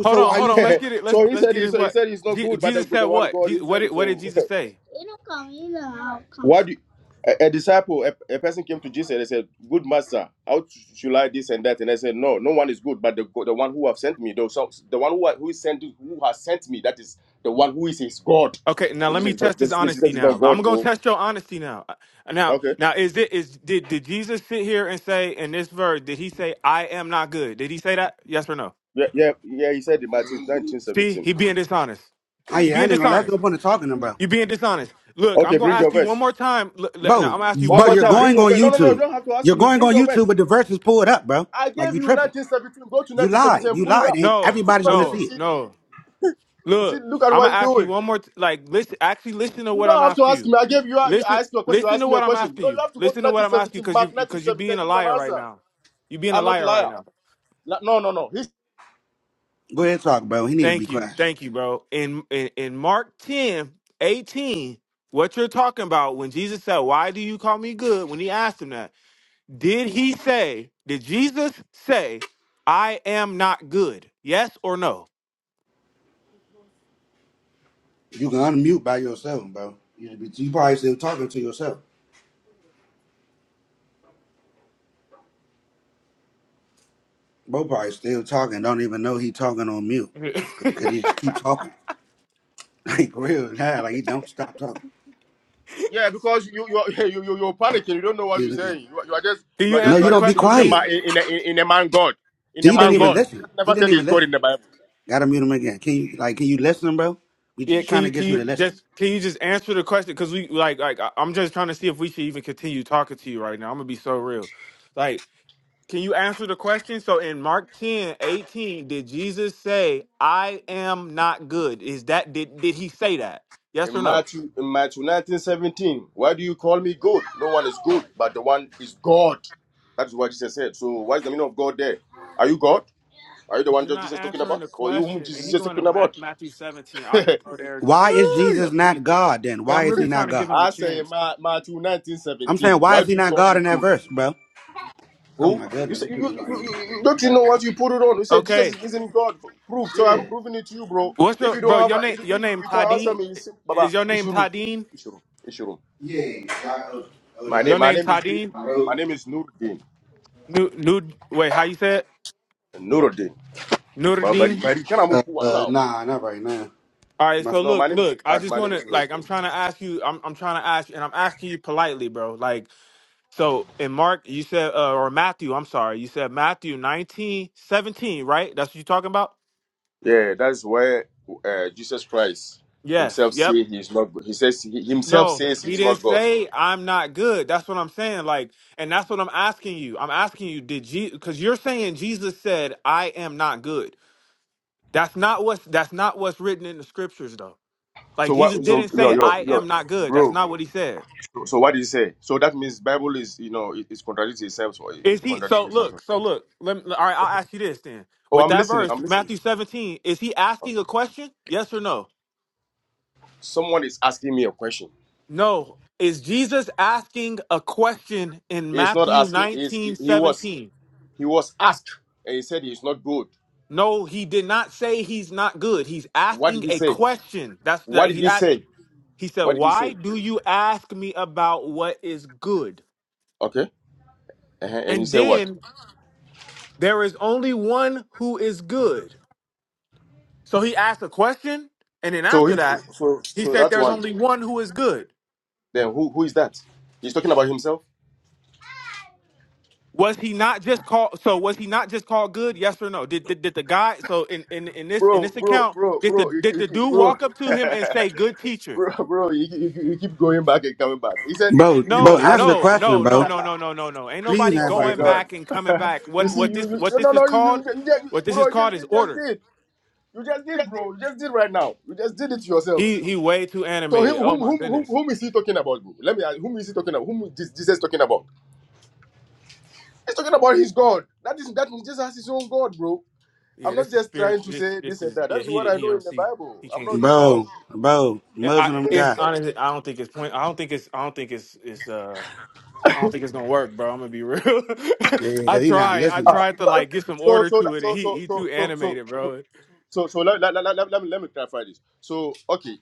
[SPEAKER 1] Hold on, hold on. Let's get it.
[SPEAKER 2] (laughs)
[SPEAKER 1] Let's
[SPEAKER 2] so he
[SPEAKER 1] let's
[SPEAKER 2] said
[SPEAKER 1] get
[SPEAKER 2] he,
[SPEAKER 1] it.
[SPEAKER 2] so he
[SPEAKER 1] What
[SPEAKER 2] said it's not
[SPEAKER 1] Je-
[SPEAKER 2] good, but the,
[SPEAKER 1] Jesus said?
[SPEAKER 2] the word of
[SPEAKER 1] What
[SPEAKER 2] God
[SPEAKER 1] Je-
[SPEAKER 2] is
[SPEAKER 1] what
[SPEAKER 2] said
[SPEAKER 1] did what did
[SPEAKER 2] So
[SPEAKER 1] Jesus say?
[SPEAKER 2] (laughs) why do you- a, a disciple, a, a person came to Jesus and they said, "Good master, how t- should I this and that?" And I said, "No, no one is good, but the go- the one who have sent me, though, so the one who ha- who is sent who has sent me, that is the one who is his God."
[SPEAKER 1] Okay, now
[SPEAKER 2] So
[SPEAKER 1] let me
[SPEAKER 2] Jesus, is not-
[SPEAKER 1] test his
[SPEAKER 2] this, this,
[SPEAKER 1] honesty
[SPEAKER 2] this is
[SPEAKER 1] now.
[SPEAKER 2] not
[SPEAKER 1] I'm
[SPEAKER 2] God,
[SPEAKER 1] gonna
[SPEAKER 2] bro.
[SPEAKER 1] test your honesty now. Uh, Now,
[SPEAKER 2] Okay,
[SPEAKER 1] now is it is did did Jesus sit here and say in this verse? Did he say I am not good? Did he say that? Yes or no?
[SPEAKER 2] yeah, yeah, yeah. He said in Matthew nineteen
[SPEAKER 1] See,
[SPEAKER 2] seventeen.
[SPEAKER 1] he being dishonest. You being
[SPEAKER 2] Okay,
[SPEAKER 1] dishonest. You being dishonest. Look, I'm gonna
[SPEAKER 2] bring your
[SPEAKER 1] ask you one
[SPEAKER 2] verse.
[SPEAKER 1] more time. Look, look, now, I'm gonna ask you
[SPEAKER 2] One
[SPEAKER 1] one more
[SPEAKER 2] more time,
[SPEAKER 1] time.
[SPEAKER 2] bring your verse. No, no, no, you don't have to ask me. Bring your verse. I gave you 1917. Go to 1917 and pull it up. It's
[SPEAKER 1] No,
[SPEAKER 2] simple as
[SPEAKER 1] no,
[SPEAKER 2] ABCD.
[SPEAKER 1] no.
[SPEAKER 2] You See,
[SPEAKER 1] Look,
[SPEAKER 2] look at
[SPEAKER 1] I'm
[SPEAKER 2] what
[SPEAKER 1] gonna
[SPEAKER 2] you're
[SPEAKER 1] ask you
[SPEAKER 2] doing.
[SPEAKER 1] one more. T- like, listen. Actually, listen to
[SPEAKER 2] You
[SPEAKER 1] what
[SPEAKER 2] don't
[SPEAKER 1] I'm
[SPEAKER 2] have to
[SPEAKER 1] asking
[SPEAKER 2] ask
[SPEAKER 1] you.
[SPEAKER 2] me. I gave you. I
[SPEAKER 1] Listen,
[SPEAKER 2] asked you a question. You
[SPEAKER 1] listen
[SPEAKER 2] asked
[SPEAKER 1] to
[SPEAKER 2] me a
[SPEAKER 1] what I'm
[SPEAKER 2] question.
[SPEAKER 1] asking
[SPEAKER 2] No, you
[SPEAKER 1] you.
[SPEAKER 2] have to go to
[SPEAKER 1] Listen to what I'm asking you
[SPEAKER 2] 1917,
[SPEAKER 1] because you
[SPEAKER 2] mark
[SPEAKER 1] because you're being
[SPEAKER 2] 1917,
[SPEAKER 1] a
[SPEAKER 2] give me an
[SPEAKER 1] liar right
[SPEAKER 2] answer.
[SPEAKER 1] now. You're being a
[SPEAKER 2] I'm not a
[SPEAKER 1] liar right
[SPEAKER 2] liar.
[SPEAKER 1] now.
[SPEAKER 2] La- No, no, no. He's,
[SPEAKER 1] Thank you. Thank you, bro. In, in in Mark 10 18, what you're talking about when Jesus said, Why do you call me good? When he asked him that, did he say, did Jesus say, I am not good? Yes or no?
[SPEAKER 2] yeah, because you you are (laughs) you, you you're panicking. You don't know what you're saying. You, are- you are just
[SPEAKER 1] Can
[SPEAKER 2] you
[SPEAKER 1] you
[SPEAKER 2] are just you
[SPEAKER 1] answer
[SPEAKER 2] are
[SPEAKER 1] the
[SPEAKER 2] just
[SPEAKER 1] question,
[SPEAKER 2] believing in a
[SPEAKER 1] please?
[SPEAKER 2] man in, in, a- in in a man God in a man God.
[SPEAKER 1] Tadim.
[SPEAKER 2] He just never said he's God in the Bible.
[SPEAKER 1] Yeah, can you can you just can you just answer the question? Cause we like like I- I'm just trying to see if we should even continue talking to you right now. I'm gonna be so real. Like Can you answer the question? So in Mark 10 18, did Jesus say, I am not good? Is that did did he say that? Yes
[SPEAKER 2] In
[SPEAKER 1] or no?
[SPEAKER 2] Matthew, in Matthew 1917. why do you call me good? No one is good,
[SPEAKER 1] Oh, man.
[SPEAKER 2] but the one is God. That is what Jesus said. So what is the meaning of God there? Are you God? Are you the one
[SPEAKER 1] You're
[SPEAKER 2] that Jesus
[SPEAKER 1] not
[SPEAKER 2] is talking
[SPEAKER 1] answering
[SPEAKER 2] about?
[SPEAKER 1] the
[SPEAKER 2] Or you whom
[SPEAKER 1] question. And
[SPEAKER 2] Jesus
[SPEAKER 1] he
[SPEAKER 2] is
[SPEAKER 1] going to
[SPEAKER 2] talking
[SPEAKER 1] Ma-
[SPEAKER 2] about?
[SPEAKER 1] Matthew 17. I'll
[SPEAKER 2] (laughs)
[SPEAKER 1] just go there just to, just
[SPEAKER 2] Hey,
[SPEAKER 1] to appease it. So I'm really trying to give him a
[SPEAKER 2] I say in
[SPEAKER 1] chance.
[SPEAKER 2] Ma- Matthew 1917. why do you call me good? Who? You say, you, you, you, you- don't you know what you put it on? You say Jesus
[SPEAKER 1] Okay.
[SPEAKER 2] is- isn't God. Proof. So I'm proving it to you, bro.
[SPEAKER 1] What's
[SPEAKER 2] If
[SPEAKER 1] your
[SPEAKER 2] you don't
[SPEAKER 1] bro?
[SPEAKER 2] have, a,
[SPEAKER 1] Your name
[SPEAKER 2] if
[SPEAKER 1] your
[SPEAKER 2] if you
[SPEAKER 1] name
[SPEAKER 2] can answer
[SPEAKER 1] Tadeen?
[SPEAKER 2] me, you say, Baba,
[SPEAKER 1] Is your name
[SPEAKER 2] Ishuru,
[SPEAKER 1] Tadeen?
[SPEAKER 2] Ishuru, Ishuru. My name,
[SPEAKER 1] Your
[SPEAKER 2] my
[SPEAKER 1] name
[SPEAKER 2] name is Dean.
[SPEAKER 1] Tadeen?
[SPEAKER 2] My name is Nuruddin.
[SPEAKER 1] New new wait, how you say it?
[SPEAKER 2] Nuruddin. But but
[SPEAKER 1] Nuruddin?
[SPEAKER 2] but can I move one now?
[SPEAKER 1] All right, so
[SPEAKER 2] No, my
[SPEAKER 1] look,
[SPEAKER 2] name is
[SPEAKER 1] look, I
[SPEAKER 2] my,
[SPEAKER 1] just
[SPEAKER 2] my name
[SPEAKER 1] want
[SPEAKER 2] is
[SPEAKER 1] to like I'm
[SPEAKER 2] Nuruddin.
[SPEAKER 1] trying to ask you I'm I'm trying to ask you and I'm asking you politely, bro. Like so in Mark, you said uh, or Matthew, I'm sorry. You said Matthew 19 17, right? That's what you're talking about?
[SPEAKER 2] Yeah, that's where uh, Jesus Christ
[SPEAKER 1] Yes.
[SPEAKER 2] himself
[SPEAKER 1] Yep.
[SPEAKER 2] say he is not. He says he himself
[SPEAKER 1] No,
[SPEAKER 2] says
[SPEAKER 1] he
[SPEAKER 2] he's
[SPEAKER 1] didn't
[SPEAKER 2] not God.
[SPEAKER 1] say I'm not good. That's what I'm saying. Like, and that's what I'm asking you. I'm asking you, did Jesus because you're saying Jesus said, I am not good. That's not what's that's not what's written in the scriptures though. Like
[SPEAKER 2] So
[SPEAKER 1] Jesus
[SPEAKER 2] what? So
[SPEAKER 1] didn't
[SPEAKER 2] yo
[SPEAKER 1] say
[SPEAKER 2] yo
[SPEAKER 1] I
[SPEAKER 2] yo,
[SPEAKER 1] am not good. That's
[SPEAKER 2] bro.
[SPEAKER 1] not what he said.
[SPEAKER 2] So, so what did he say? So that means Bible is you know it, it's contradicting itself. Or it,
[SPEAKER 1] Is
[SPEAKER 2] it
[SPEAKER 1] he
[SPEAKER 2] contradicts
[SPEAKER 1] so
[SPEAKER 2] itself.
[SPEAKER 1] look, so look, let me, all right, I'll ask you this then.
[SPEAKER 2] Oh,
[SPEAKER 1] With
[SPEAKER 2] I'm
[SPEAKER 1] that
[SPEAKER 2] listening. I'm
[SPEAKER 1] verse,
[SPEAKER 2] listening.
[SPEAKER 1] Matthew 17, is he asking a question? Yes or no?
[SPEAKER 2] Someone is asking me a question.
[SPEAKER 1] No. Is Jesus asking a question in
[SPEAKER 2] He's not
[SPEAKER 1] Matthew
[SPEAKER 2] asking. He's,
[SPEAKER 1] 19:17?
[SPEAKER 2] he was he was asked and he said he's not good.
[SPEAKER 1] No, he did not say he's not good. He's
[SPEAKER 2] What
[SPEAKER 1] asking
[SPEAKER 2] did he
[SPEAKER 1] a
[SPEAKER 2] say?
[SPEAKER 1] question. That's
[SPEAKER 2] What
[SPEAKER 1] that
[SPEAKER 2] did
[SPEAKER 1] he
[SPEAKER 2] he
[SPEAKER 1] asked,
[SPEAKER 2] say?
[SPEAKER 1] he said,
[SPEAKER 2] What did he
[SPEAKER 1] Why
[SPEAKER 2] say?
[SPEAKER 1] do you ask me about what is good?
[SPEAKER 2] Okay. Uh-huh. And you
[SPEAKER 1] And
[SPEAKER 2] say what?
[SPEAKER 1] then there is only one who is good. So he asked a question, and then
[SPEAKER 2] So
[SPEAKER 1] after
[SPEAKER 2] he,
[SPEAKER 1] that,
[SPEAKER 2] so
[SPEAKER 1] he
[SPEAKER 2] so
[SPEAKER 1] said,
[SPEAKER 2] that's
[SPEAKER 1] "There's
[SPEAKER 2] one.
[SPEAKER 1] only one who is good."
[SPEAKER 2] Then who who is that? He's talking about himself.
[SPEAKER 1] Was he not just called? So was he not just called good? Yes or no? Did did, did the guy? So in, in in this in
[SPEAKER 2] Bro,
[SPEAKER 1] this
[SPEAKER 2] bro,
[SPEAKER 1] account,
[SPEAKER 2] bro,
[SPEAKER 1] did the
[SPEAKER 2] bro, you,
[SPEAKER 1] did
[SPEAKER 2] keep- you,
[SPEAKER 1] the
[SPEAKER 2] keep-
[SPEAKER 1] dude
[SPEAKER 2] bro,
[SPEAKER 1] walk up to
[SPEAKER 2] (laughs)
[SPEAKER 1] him and say, "Good teacher"?
[SPEAKER 2] bro, bro, you, keep- you, keep- you keep going back and coming back. He said he was
[SPEAKER 1] No,
[SPEAKER 2] asking.
[SPEAKER 1] no, no, no, no, no, no, no, no. Ain't nobody
[SPEAKER 2] Oh my
[SPEAKER 1] going
[SPEAKER 2] god!
[SPEAKER 1] back and coming
[SPEAKER 2] (laughs)
[SPEAKER 1] back.
[SPEAKER 2] you
[SPEAKER 1] What
[SPEAKER 2] see,
[SPEAKER 1] what
[SPEAKER 2] you,
[SPEAKER 1] this
[SPEAKER 2] you
[SPEAKER 1] what
[SPEAKER 2] no, no,
[SPEAKER 1] this is
[SPEAKER 2] no, you,
[SPEAKER 1] called?
[SPEAKER 2] you, you
[SPEAKER 1] What
[SPEAKER 2] just,
[SPEAKER 1] this
[SPEAKER 2] bro,
[SPEAKER 1] is
[SPEAKER 2] you just
[SPEAKER 1] called is
[SPEAKER 2] did, just
[SPEAKER 1] order.
[SPEAKER 2] did, you just did, bro, you just did right now. You just did it yourself.
[SPEAKER 1] He he way too
[SPEAKER 2] So him,
[SPEAKER 1] animated. Oh
[SPEAKER 2] whom,
[SPEAKER 1] my
[SPEAKER 2] whom, whom,
[SPEAKER 1] goodness.
[SPEAKER 2] whom is he talking about, bro? Let me ask. Whom is he talking about? Whom is Jesus talking about? He's talking about his God. That is that means Jesus has his own God, bro.
[SPEAKER 1] Yeah,
[SPEAKER 2] I'm not
[SPEAKER 1] this is
[SPEAKER 2] just trying
[SPEAKER 1] spiritual.
[SPEAKER 2] to
[SPEAKER 1] This
[SPEAKER 2] say this
[SPEAKER 1] this
[SPEAKER 2] and
[SPEAKER 1] is
[SPEAKER 2] that.
[SPEAKER 1] yeah.
[SPEAKER 2] That's what
[SPEAKER 1] He
[SPEAKER 2] I
[SPEAKER 1] he
[SPEAKER 2] know
[SPEAKER 1] don't
[SPEAKER 2] in the
[SPEAKER 1] see.
[SPEAKER 2] Bible.
[SPEAKER 1] He
[SPEAKER 2] I'm
[SPEAKER 1] can't
[SPEAKER 2] not
[SPEAKER 1] see.
[SPEAKER 2] no.
[SPEAKER 1] Yeah, I, it's honestly, I don't think it's point. I don't think it's. I don't think it's. It's. Uh, I don't think it's gonna work, bro. I'm gonna be real. (laughs) I tried. I
[SPEAKER 2] Ah,
[SPEAKER 1] tried to like get some
[SPEAKER 2] so
[SPEAKER 1] order
[SPEAKER 2] so
[SPEAKER 1] to
[SPEAKER 2] that-
[SPEAKER 1] it,
[SPEAKER 2] so
[SPEAKER 1] and he
[SPEAKER 2] so
[SPEAKER 1] he
[SPEAKER 2] so
[SPEAKER 1] too
[SPEAKER 2] so so
[SPEAKER 1] animated,
[SPEAKER 2] so
[SPEAKER 1] bro.
[SPEAKER 2] so, so let, let, let, let, let me let me clarify this. So okay,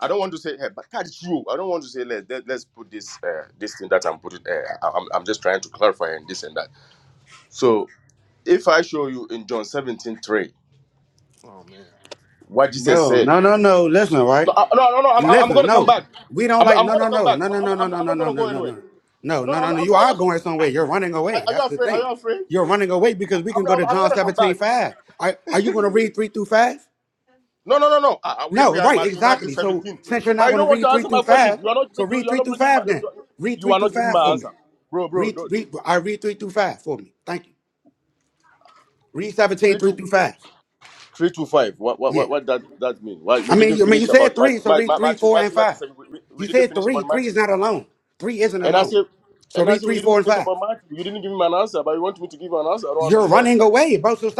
[SPEAKER 2] I don't want to say hey, but that's true. I don't want to say let, let let's put this uh, this thing that I'm putting. Uh, I- I'm I'm just trying to clarify and this and that. So if I show you in John 17:3
[SPEAKER 1] Oh man.
[SPEAKER 2] what Jesus said. No, I- no, no, no I'm, I'm going to come back. I'm, I'm going to come back. I'm, I'm, I'm I'm not going to go anywhere. No, no, I'm, I'm, I'm, (laughs) are you afraid? Are you afraid? I'm, I'm, I'm gonna come back. No, no, no, no. Ah, we are we are in Matthew 19, seventeen. But you don't want to answer my question. You are not you are not bringing my you you- are not giving my answer, bro, bro. Don't, three to three to five. What what what, what that that mean? Why we didn't finish about Matthew Ma- Ma- Matthew Matthew 19, seventeen. We, we we didn't finish about Matthew. And I said and I said we didn't finish about Matthew. You didn't give me an answer, but you want me to give you an answer. I don't understand.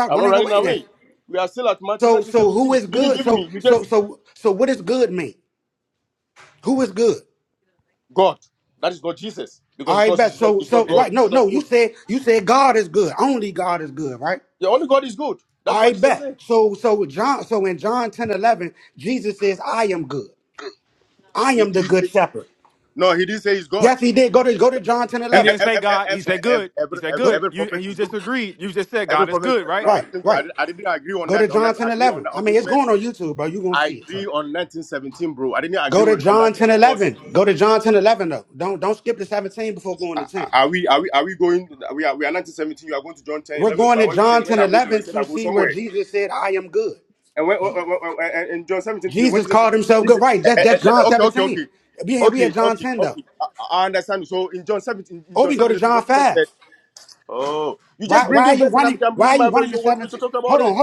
[SPEAKER 2] I'm not running away. We are still at Matthew 1917. You didn't give me. You just God. That is not Jesus. Because it's not Jesus, it's not God. It's not good. The only God is good. That's what Jesus said. He, he said no, he didn't say he's God. He didn't say ev-
[SPEAKER 1] He didn't
[SPEAKER 2] ev-
[SPEAKER 1] say
[SPEAKER 2] ev- ev-
[SPEAKER 1] God. He
[SPEAKER 2] ev-
[SPEAKER 1] said
[SPEAKER 2] ev-
[SPEAKER 1] good. He
[SPEAKER 2] every,
[SPEAKER 1] said
[SPEAKER 2] every,
[SPEAKER 1] good.
[SPEAKER 2] every
[SPEAKER 1] You
[SPEAKER 2] prophet
[SPEAKER 1] and you
[SPEAKER 2] is good.
[SPEAKER 1] just agreed. You just said
[SPEAKER 2] Every
[SPEAKER 1] God is
[SPEAKER 2] prophet.
[SPEAKER 1] good,
[SPEAKER 2] No, no,
[SPEAKER 1] right?
[SPEAKER 2] I didn't. I didn't, I didn't agree on that. On that, agree on that, on this verse. I agree on 1917, bro. I didn't agree with, on that verse because are are we are we are we going? We are we are 1917. You are going to John 10 11. But what you said when I go somewhere, you said I go somewhere. And when, when- when- when- in John 17 today, when Jesus said, this, eh, eh, eh, okay, okay, okay, okay, okay, okay, I, I understand. So in John 17, in John 17, today, when Jesus said, oh, you just bring in verse and I'm, I'm bringing my verse, you want me to talk about it?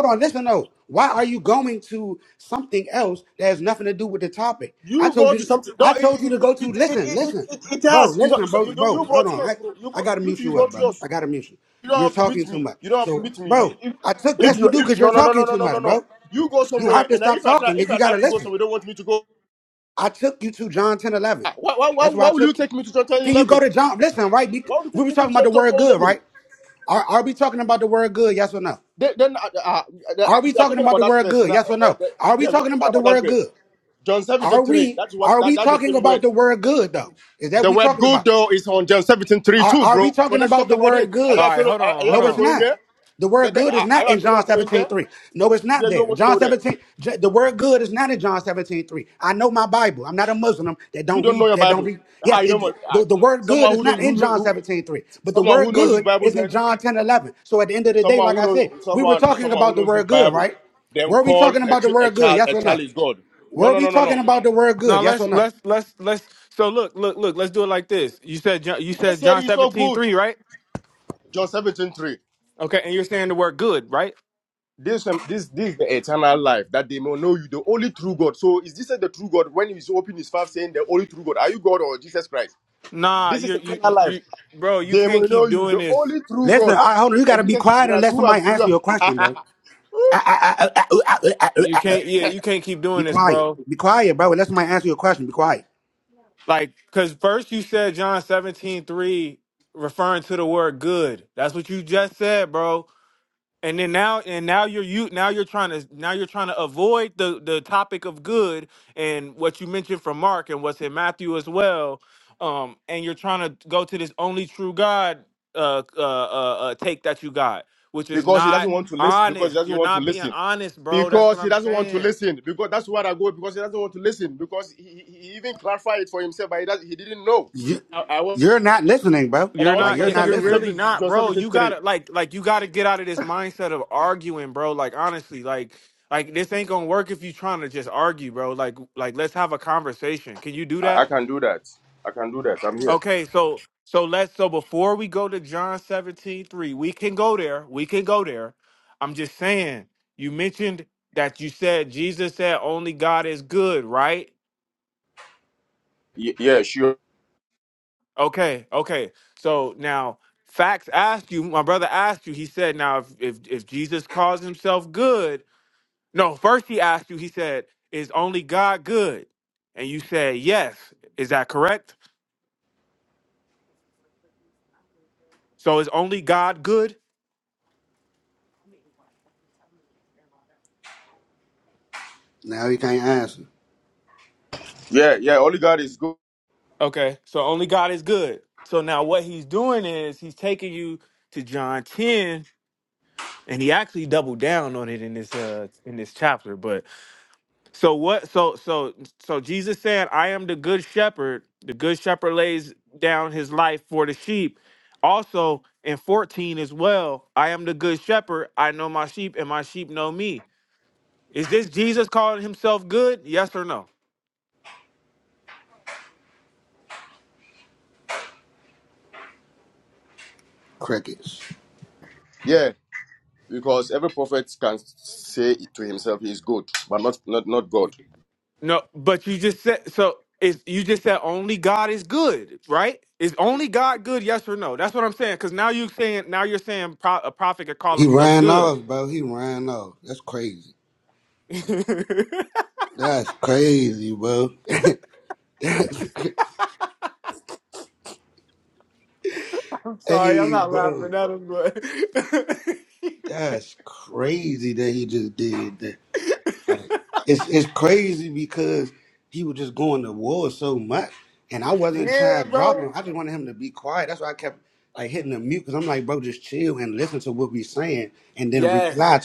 [SPEAKER 2] You go to something. No, it it it it it, it, it, it has. You, you you you brought yours, bro. You brought, you two, you brought yours. You don't have to meet me. You don't have to meet me. You, if, if you if no no no no no no no no. You go somewhere, and if I try if I try to go somewhere, you don't want me to go. Ah, Why why why, why will you take me to John 10, 11? Why would you take me to Genesis 11? Then, then uh, uh, uh, we are talking about that verse. And, uh, and, uh, yeah, we are talking about that verse. John 17 3. That's what that, that's the same word. The word good though is on John 17 3 too, bro. So let's talk about it. Are you
[SPEAKER 1] All right.
[SPEAKER 2] afraid of,
[SPEAKER 1] Hold
[SPEAKER 2] are, are
[SPEAKER 1] on.
[SPEAKER 2] you
[SPEAKER 1] Hold
[SPEAKER 2] afraid
[SPEAKER 1] on.
[SPEAKER 2] going there? Then- then, uh, are you afraid of going there? Yeah, you don't want to go there. You don't know your Bible. Ah, you don't want ah, someone who don't who, who someone who knows his Bible then someone who knows someone someone who knows his Bible then call a, ch- a child a child is God. No no no no no.
[SPEAKER 1] Now let's let's let's let's. So look look look. Let's do it like this. You said John, you
[SPEAKER 2] Jesus
[SPEAKER 1] said
[SPEAKER 2] said
[SPEAKER 1] John
[SPEAKER 2] he's so
[SPEAKER 1] 17
[SPEAKER 2] good.
[SPEAKER 1] 3, right?
[SPEAKER 2] John 17 3.
[SPEAKER 1] Okay, and you're saying the word good, right?
[SPEAKER 2] This, um, this, this is the eternal life, that they may know you, the only true God. So is Jesus the true God when he's opening his mouth saying the only true God? Are you God or Jesus Christ?
[SPEAKER 1] Nah,
[SPEAKER 2] This
[SPEAKER 1] you
[SPEAKER 2] is
[SPEAKER 1] you
[SPEAKER 2] eternal
[SPEAKER 1] you,
[SPEAKER 2] life.
[SPEAKER 1] you bro. You
[SPEAKER 2] They may
[SPEAKER 1] can't
[SPEAKER 2] know
[SPEAKER 1] keep
[SPEAKER 2] you,
[SPEAKER 1] doing
[SPEAKER 2] the
[SPEAKER 1] this
[SPEAKER 2] only true God. And Jesus Christ, who have you have-
[SPEAKER 1] You can't, yeah, you can't keep doing this, bro. Like, cause first you said John seventeen three, referring to the word good. That's what you just said, bro. And then now, and now you're you now you're trying to now you're trying to avoid the the topic of good and what you mentioned from Mark and what's in Matthew as well. Um, and you're trying to go to this only true God uh uh uh, uh take that you got, which
[SPEAKER 2] (laughs)
[SPEAKER 1] is
[SPEAKER 2] because he
[SPEAKER 1] not
[SPEAKER 2] doesn't want to listen, because he
[SPEAKER 1] honest.
[SPEAKER 2] doesn't
[SPEAKER 1] You're
[SPEAKER 2] want to
[SPEAKER 1] not being
[SPEAKER 2] listen.
[SPEAKER 1] honest, bro. That's what
[SPEAKER 2] Because he
[SPEAKER 1] I'm
[SPEAKER 2] doesn't want to
[SPEAKER 1] saying.
[SPEAKER 2] listen. Because that's what I go. Because he doesn't want to listen. Because he, he he even clarified it for himself, but he, does, he didn't know. I And I
[SPEAKER 1] You're
[SPEAKER 2] want
[SPEAKER 1] not.
[SPEAKER 2] John
[SPEAKER 1] y- You're
[SPEAKER 2] 7,
[SPEAKER 1] really
[SPEAKER 2] 7,
[SPEAKER 1] not,
[SPEAKER 2] John
[SPEAKER 1] bro. You
[SPEAKER 2] 73.
[SPEAKER 1] gotta like, like you gotta get out of this mindset of arguing, bro. Like honestly, like, like this ain't gonna work if you trying to just argue, bro. Like, like let's have a conversation. Can you do
[SPEAKER 2] I, I
[SPEAKER 1] that?
[SPEAKER 2] can do that. I can do that. I'm here.
[SPEAKER 1] Okay, so so let's so before we go to John 17 3, we can go there. We can go there. I'm just saying. You mentioned that you said Jesus said only God is good, right?
[SPEAKER 2] Y- yeah, sure.
[SPEAKER 1] Okay, okay. So now facts asked you, my brother asked you, he said, now if if, if Jesus calls himself good, no, first he asked you, he said, is only God good? And you said, yes. Is that correct? So is only God good?
[SPEAKER 2] Yeah, yeah. Only God is good.
[SPEAKER 1] Okay, so only God is good. So now what he's doing is he's taking you to John 10 and he actually doubled down on it in this uh in this chapter, but So what? So so so Jesus said, "I am the good shepherd. The good shepherd lays down his life for the sheep." Also in 14 as well, "I am the good shepherd. I know my sheep, and my sheep know me." Is this Jesus calling himself good? Yes or no?
[SPEAKER 2] Yeah, because every prophet can say to himself he is good, but not not not God.
[SPEAKER 1] No, but you just said so. Is you just said only God is good, right? Is only God good? Yes or no? That's what I'm saying. Because now you're saying now you're saying pro- a prophet could call himself good. (laughs) I'm sorry, I'm not laughing at him, but (laughs) Yeah, bro. Yes.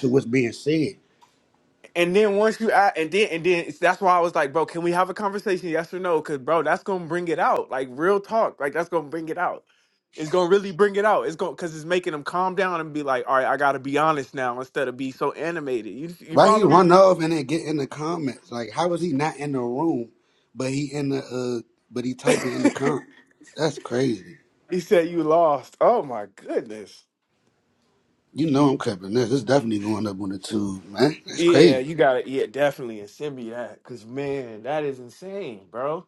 [SPEAKER 1] And then once you act, and then and then it's- that's why I was like, bro, can we have a conversation? Yes or no? Cause bro, that's gonna bring it out. Like real talk. Like that's gonna bring it out. It's gonna really bring it out. It's gonna cause it's making them calm down and be like, all right, I gotta be honest now instead of be so animated. You you follow me? (laughs) he said you lost. Oh my goodness. Yeah, you gotta yeah, definitely and send me that. Cause man, that is insane, bro.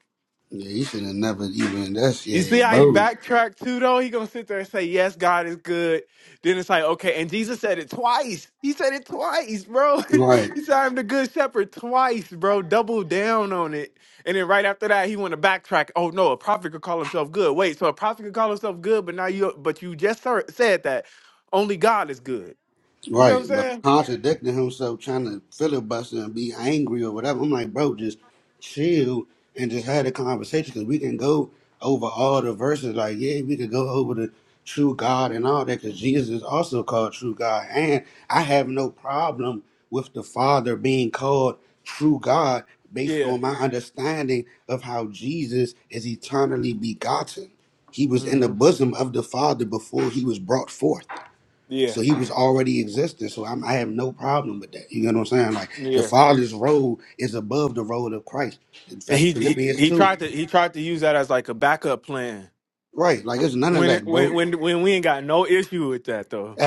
[SPEAKER 1] You see how he backtracked too, though? He gonna sit there and say, Yes, God is good. Then it's like, okay, and Jesus said it twice. He said it twice, bro. (laughs) he said, I'm the good shepherd twice, bro. Double down on it. And then right after that, he wanna backtrack. Oh no, a prophet could call himself good. Wait, so a prophet could call himself good, but now you but you just ser- said that. Only God is good. You see what I'm saying? Yeah. hmm Yeah. Yeah. And he, he he tried to he tried to use that as like a backup plan. When it when when when we ain't got no issue with that though.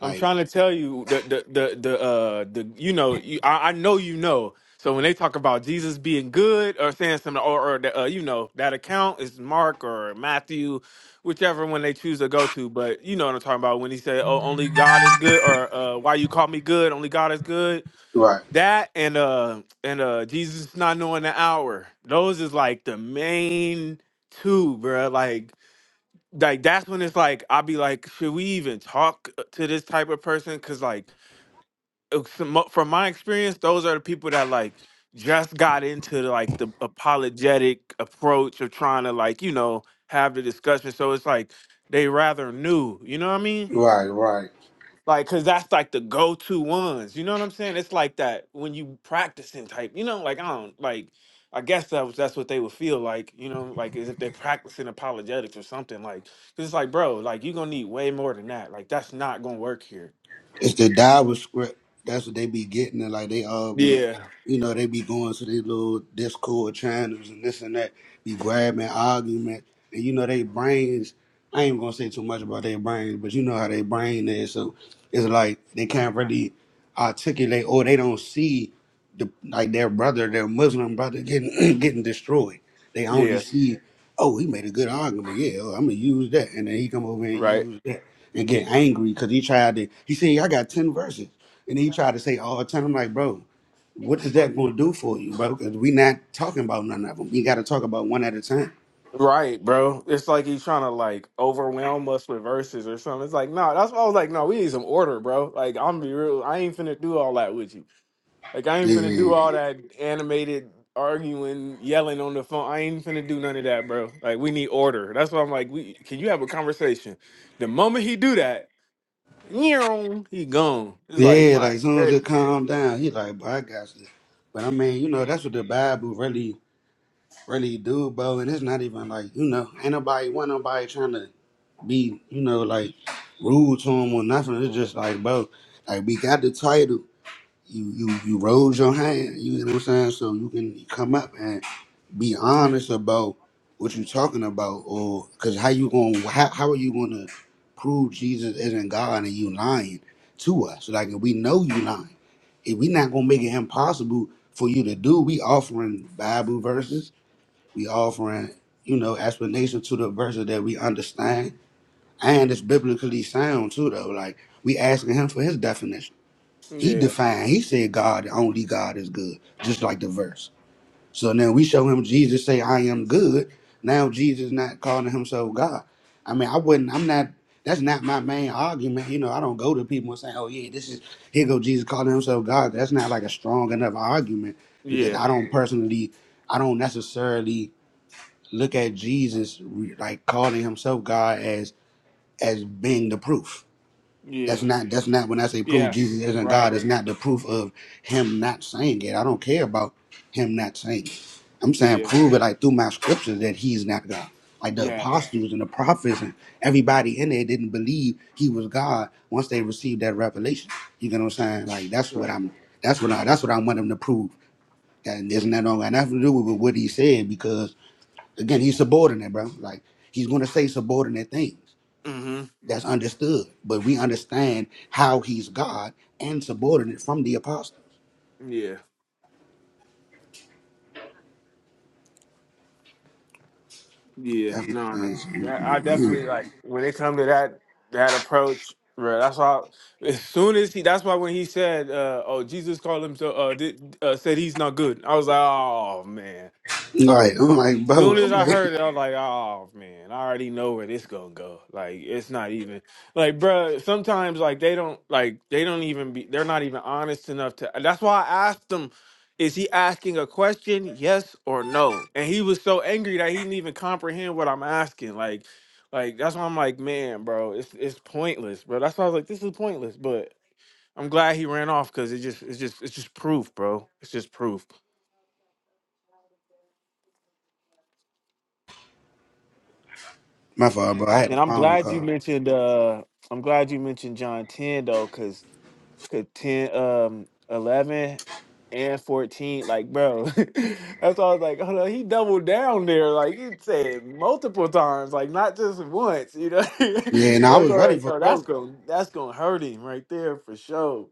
[SPEAKER 1] I'm trying to tell you the the the the uh the you know you, I, I know you know. So when they talk about Jesus being good or saying something or or the, uh, you know that account is Mark or Matthew, whichever one they choose to go to. But you know what I'm talking about when he said, "Oh, only God is good," or uh, "Why you call me good? Only God is good." That and uh and uh Jesus not knowing the hour. Those is like the main two, bruh. Like like that's when it's like I'll be like, should we even talk uh, to this type of person? Because like uh, some from my experience, those are the people that like just got into like the apologetic approach of trying to like you know have the discussion. So it's like they rather new, you know what I mean? Like, cause that's like the go-to ones. You know what I'm saying? It's like that when you practicing type. You know, like I don't like. I guess that was that's what they would feel like. You know, like as if they're practicing apologetics or something. Like, 'cause it's like, bro, like you're gonna need way more than that. Like that's not gonna work here. Yeah. Yeah. Right. Right, bro. It's like he's trying to like overwhelm us with verses or something. It's like, no, that's why I was like, no, we need some order, bro. Like, I'm gonna be real. I ain't finna do all that with you. Like I ain't finna do all that animated arguing, yelling on the phone. I ain't finna do none of that, bro. Like we need order. That's why I'm like, we can you have a conversation? The moment he do that, (laughs) he gone. It's like, Right. Hey. yeah, yeah, yeah, yes, right, yeah, yes, right, mm-hmm, yeah. Yeah, no, I I definitely like when it come to that that approach, bro. That's why. As soon as he, that's why when he said, uh, "Oh, Jesus called himself," uh, did, uh, said he's not good. I was like, "Oh man," soon as I heard it, I was like, oh man, I already know where this gonna go. Like it's not even like, bruh, Sometimes like they don't like they don't even be they're not even honest enough to. That's why I asked him, is he asking a question, yes or no? And he was so angry that he didn't even comprehend what I'm asking. Like, like that's why I'm like, man, bro, it's it's pointless, bro. That's why I was like, this is pointless, but. I'm glad he ran off because it just it's just it's just proof, bro. It's just proof. And I'm glad you mentioned uh I'm glad you mentioned John 10 though, cause cause 10 um 11 and 14, like bro. (laughs) that's all I was like, hold on, he doubled down there. Like he said multiple times, like not just once, you know. (laughs) that's all like, oh that's gonna that's gonna hurt him right there for sure.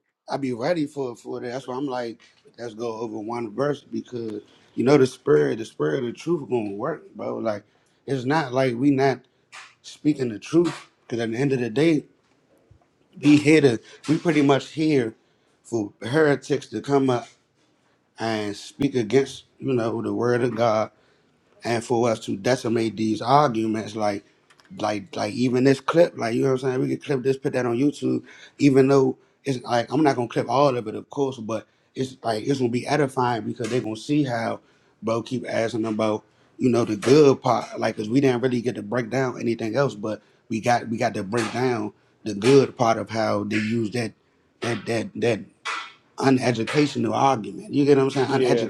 [SPEAKER 1] Yeah,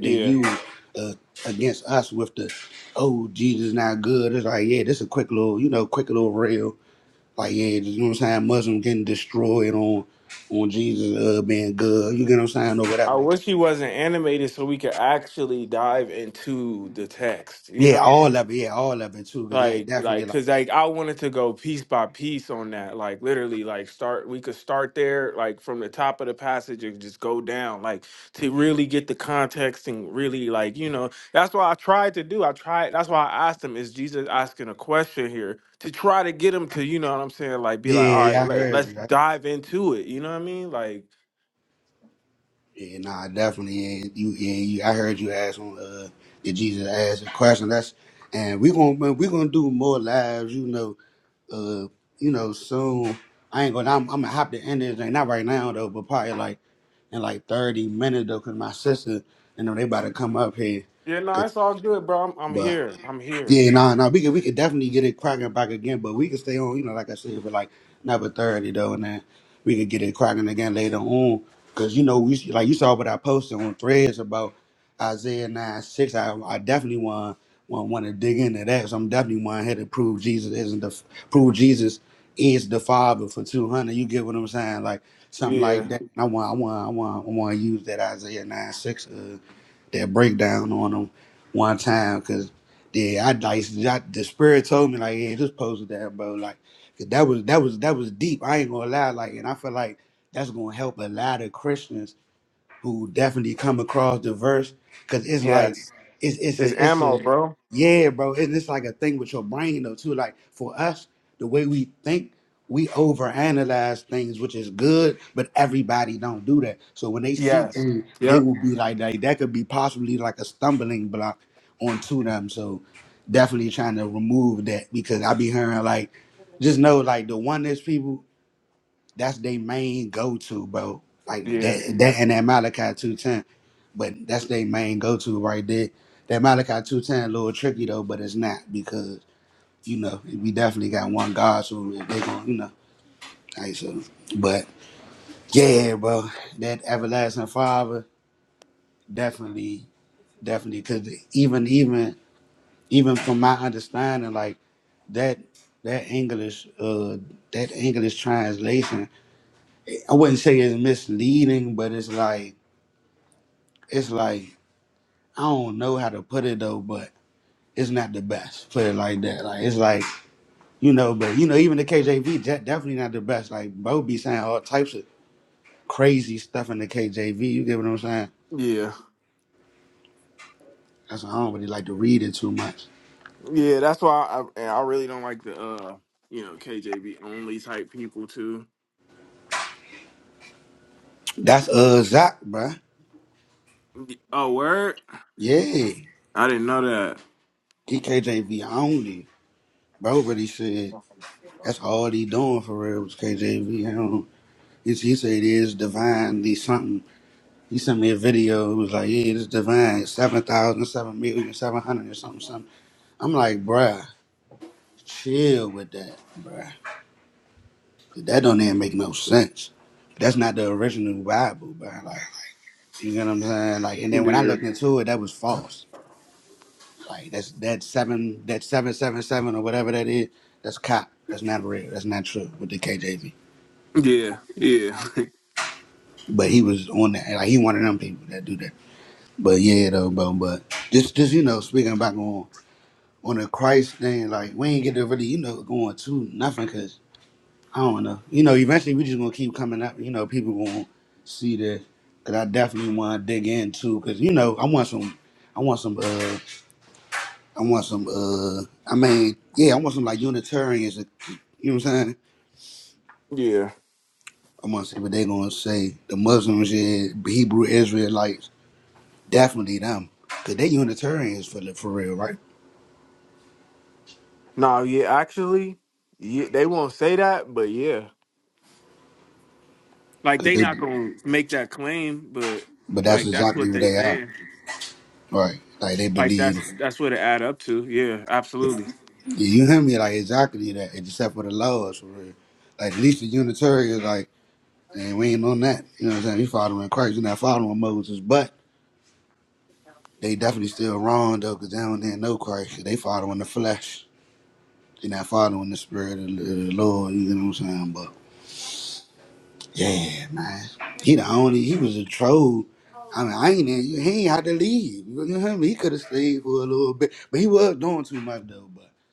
[SPEAKER 1] yeah. I wish he wasn't animated so we could actually dive into the text, you know? like like because like i wanted to go piece by piece on that like literally like start we could start there like from the top of the passage and just go down like to really get the context and really like you know that's why i tried to do i tried that's why i asked him is jesus asking a question here to try to get him to you know what i'm saying like be like all right let, let's dive into it you know what i mean like yeah no it's all good bro i'm, I'm here i'm here yeah yes it's ammo bro yes yep yeah Yeah, yeah. That's why I I I really don't like the uh you know KJV only type people too. Oh, word! I didn't know that. Yeah, yeah, yeah, (laughs) yeah. No, yeah. Actually, yeah, they won't say that, but yeah, like they not gonna make that claim, but like that's what they saying. Like that's that's what it add up to. Yeah, absolutely.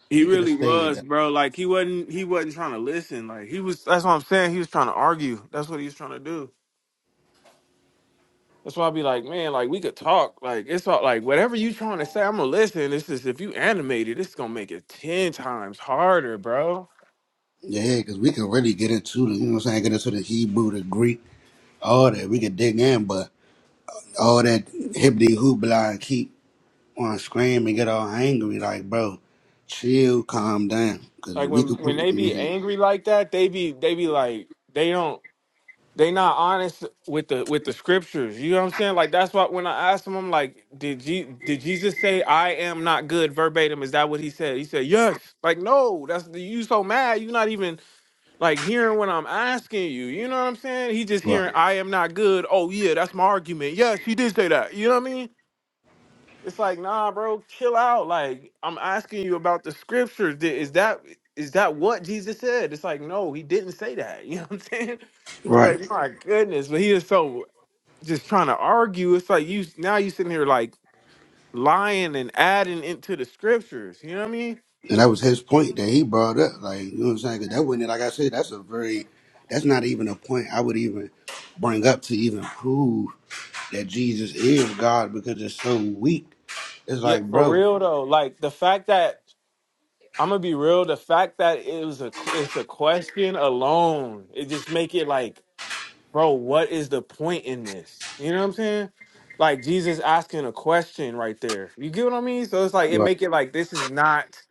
[SPEAKER 1] He really was, bro. Like he wasn't he wasn't trying to listen. Like he was. That's what I'm saying. He was trying to argue. That's what he was trying to do. That's why I be like, man, like we could talk. Like it's all like whatever you trying to say, I'm gonna listen. This is if you animated, it's gonna make it ten times harder, bro. Like when when they be angry like that, they be they be like they don't they not honest with the with the scriptures. You know what I'm saying? Like that's why when I asked them, I'm like, did Je- did Jesus say I am not good verbatim? Is that what he said? He said yes. Like no, that's you so mad. You not even like hearing what I'm asking you. You know what I'm saying? He just hearing I am not good. Oh yeah, that's my argument. Yes, he did say that. You know what I mean? It's like, nah, bro, chill out. Like, I'm asking you about the scriptures. Th- Is that is that what Jesus said? It's like, no, he didn't say that. (laughs) You know what I'm saying? (laughs) You're like, my goodness, but he is so just trying to argue. It's like you now you sitting here like lying and adding into the scriptures. You know what I mean? Yeah, for real though. Like the fact that I'm gonna be real. The fact that it was a it's a question alone, it just make it like, bro, what is the point in this? You know what I'm saying? Like Jesus asking a question right there. You get what I mean? So it's like it make it like this is not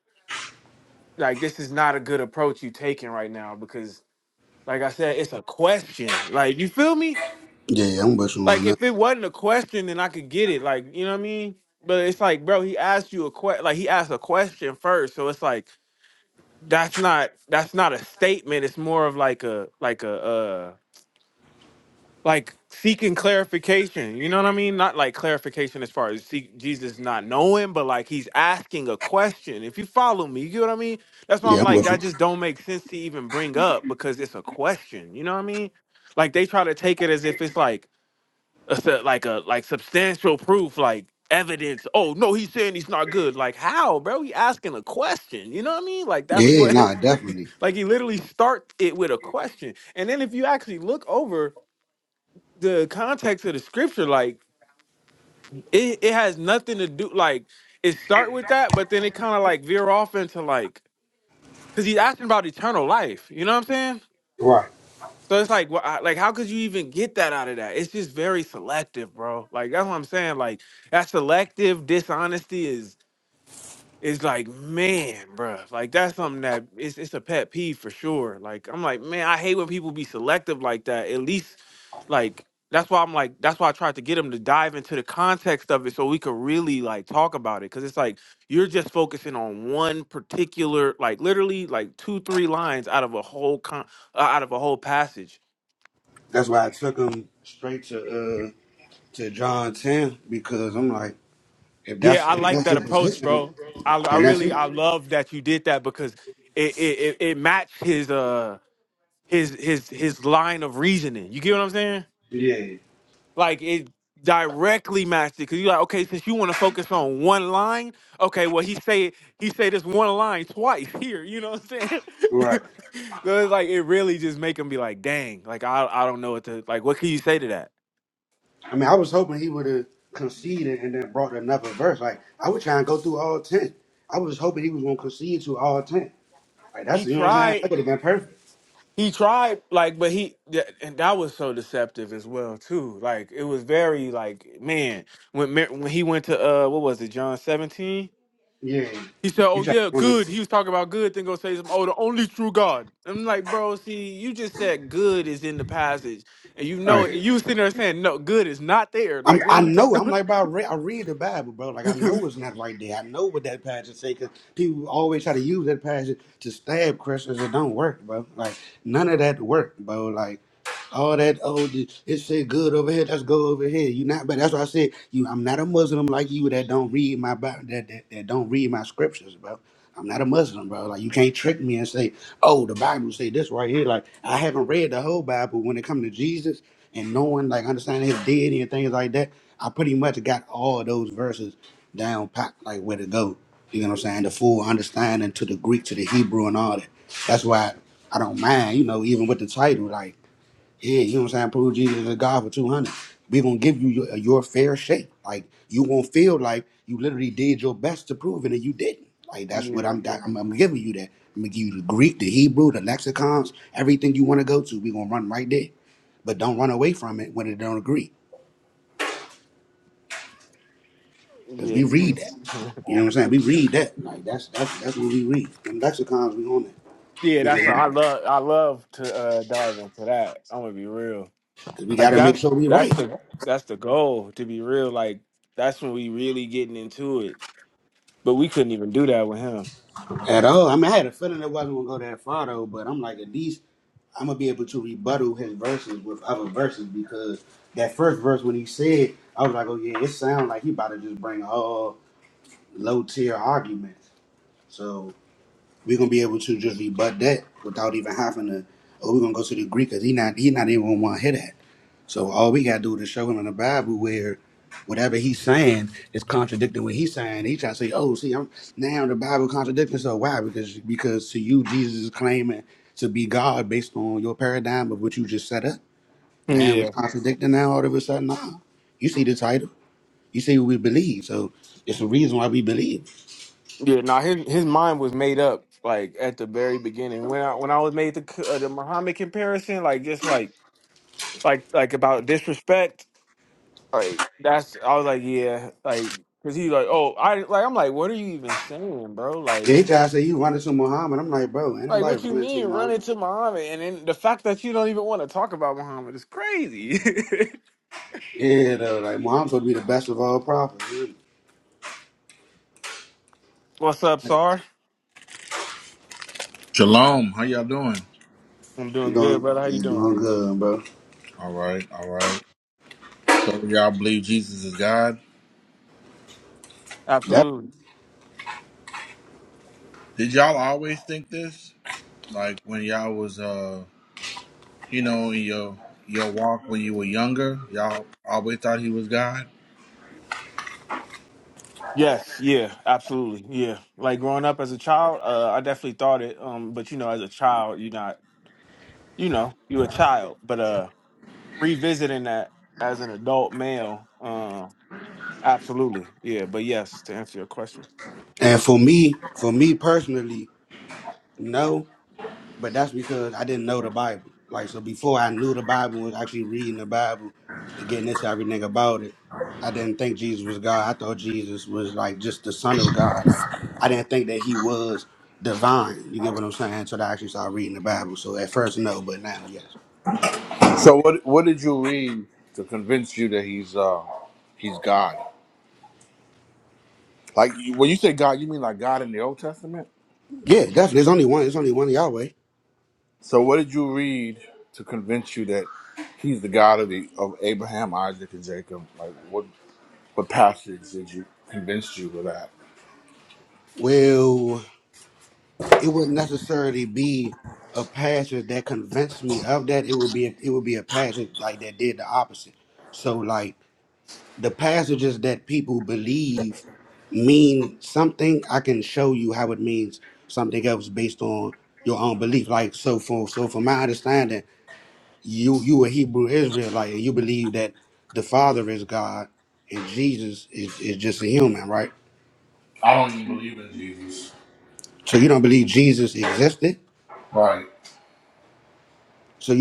[SPEAKER 1] like this is not a good approach you taking right now because like I said, it's a question. Like you feel me? Like if it wasn't a question, then I could get it. Like you know what I mean? But it's like, bro, he asked you a question. Like he asked a question first, so it's like that's not that's not a statement it's more of like a like a uh like seeking clarification you know what i mean not like clarification as far as seek jesus not knowing but like he's asking a question if you follow me you get what i mean that's why i'm like that just don't make sense to even bring up because it's a question you know what i mean like they try to take it as if it's like a, su- like a like substantial proof like evidence oh no he's saying he's not good like how bro he asking a question you know what i mean like that's what (laughs) Like he literally starts it with a question. And then if you actually look over the context of the scripture, like it, it has nothing to do like it start with that, but then it kind of like veer off into like because he's asking about eternal life. You know what I'm saying? So it's like, wha- I- like how could you even get that out of that? It's just very selective, bro. Like that's what I'm saying. Like that selective dishonesty It's like, man, bruh, like that's something that it's it's a pet peeve for sure. Like I'm like, man, I hate when people be selective like that. At least, like that's why I'm like that's why I tried to get them to dive into the context of it so we could really like talk about it. Cause it's like you're just focusing on one particular, like literally like two three lines out of a whole con uh, out of a whole passage. Yeah, I like that approach, bro. I I really I love that you did that because it it it, it matched his uh. his his his line of reasoning. You get what I'm saying? Like it directly matched it because you're like, okay, since you want to focus on one line, okay, well he say he say this one line twice (laughs) here. You know what I'm saying? (laughs) so it's like it really just make him be like, dang, like I I don't know what to like. What can you say to that? He tried. He tried like, but he th- and that was so deceptive as well too. Like it was very like man when Mar- when he went to uh what was it John 17? He said, "Oh yeah, good." He was talking about good. Then go say some, "Oh, the only true God." I'm like, bro, see, you just said good is in the passage, and you know it. You sitting there saying, "No, good is not there." Like, what are you talking about? (laughs) Yeah, yeah, he was. (laughs) Yeah, that's I love. I love to uh, dive into that. I'm gonna be real. Like that's that's the that's the goal to be real. Like that's when we really getting into it. But we couldn't even do that with him. Yeah. Yeah, nah, his his mind was made up like at the very beginning when I when I was made the c- uh, the Muhammad comparison, like just like like like about disrespect, like that's I was like yeah, like because he like oh I like I'm like what are you even saying, bro? Like like what you mean run into Muhammad and then the fact that you don't even want to talk about Muhammad is crazy. (laughs) What's up, Sar?
[SPEAKER 4] Shalom, how y'all doing?
[SPEAKER 1] I'm doing good, brother. How you doing?
[SPEAKER 4] All right, all right. So y'all believe Jesus is God?
[SPEAKER 1] Absolutely.
[SPEAKER 4] Did y'all always think this? Like when y'all was uh you know, in your your walk when you were younger, y'all always thought he was God?
[SPEAKER 1] Yes, yeah, absolutely, yeah. Like growing up as a child, uh, I definitely thought it. Um, but you know, as a child, you're not, you know, you're a child. But uh, revisiting that as an adult male, uh, absolutely, yeah. But yes, to answer your question,
[SPEAKER 4] So what what did you read to convince you that he's uh he's God? Like you- when you say God, you mean like God in the Old Testament? So what did you read to convince you that he's the God of the of Abraham, Isaac and Jacob? Like what What passage did you convince you of that? I don't even believe in Jesus. Right?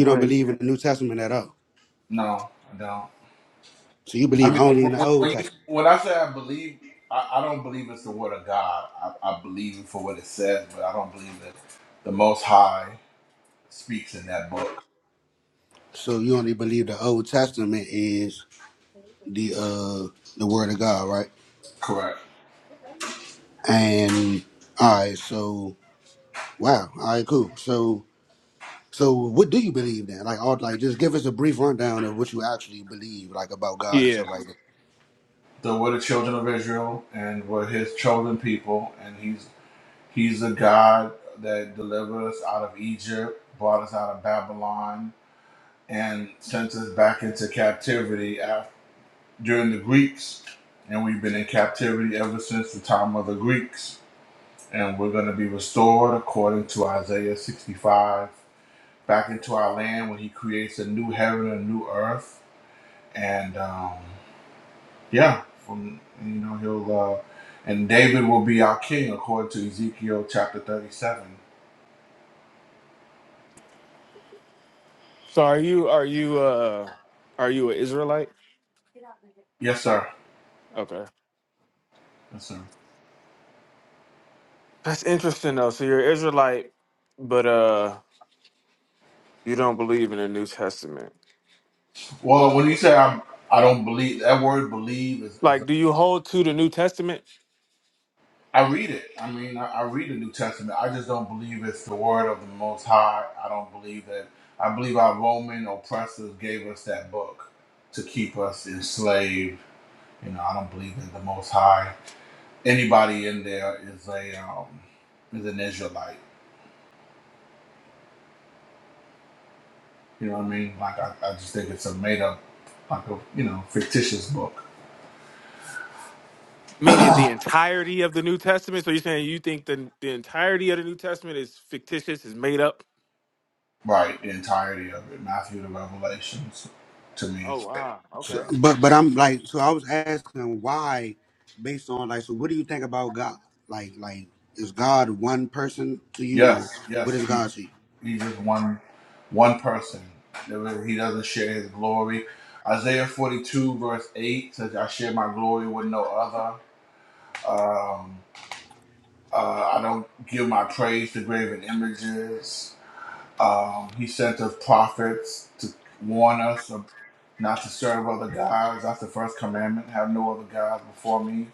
[SPEAKER 1] right?
[SPEAKER 4] No, I don't. I mean, when, when you, when I say I believe, I, I don't believe it's the word of God. I, I believe it for what it says, but I don't believe that the Most High speaks in that book. Correct.
[SPEAKER 1] Yeah.
[SPEAKER 4] So we're the children of Israel, and we're His chosen people, and He's He's the God that delivered us out of Egypt, brought us out of Babylon, and sent us back into captivity during the Greeks, and we've been in captivity ever since the time of the Greeks. And we're going to be restored according to Isaiah 65 back into our land when he creates a new heaven and a new earth. And um, yeah, from you know, he'll uh, and David will be our king according to Ezekiel chapter 37.
[SPEAKER 1] So are you are you uh are you an Israelite?
[SPEAKER 4] Yes, sir.
[SPEAKER 1] Okay,
[SPEAKER 4] Yes, sir.
[SPEAKER 1] that's interesting though. So you're an Israelite, but uh, you don't believe in the New Testament.
[SPEAKER 4] Well, when you say I'm, I don't believe that word believe is, is
[SPEAKER 1] Like, do you hold to the New Testament?
[SPEAKER 4] I read it. I mean, I, I read the New Testament. I just don't believe it's the word of the Most High. I don't believe that. I believe our Roman oppressors gave us that book to keep us enslaved. You know, I don't believe that the Most High, anybody in there is a um, is an Israelite. You know what I mean? Like, I, I just think it's a made up, like a you know, fictitious book.
[SPEAKER 1] Meaning the entirety of the New Testament. So you're saying you think the the entirety of the New Testament is fictitious, is made up?
[SPEAKER 4] Right, the entirety of it, Matthew to Revelations, to me,
[SPEAKER 1] Oh
[SPEAKER 4] it's
[SPEAKER 1] wow, okay.
[SPEAKER 4] fictitious. Yes, yes, he he's just one one person. There was- He doesn't share his glory. Isaiah forty two verse eight says, "I share my glory with no other. Um, uh, I don't give my praise to graven images." Um, he sent us prophets to warn us of not to serve other gods. That's the first commandment: have no other gods before me.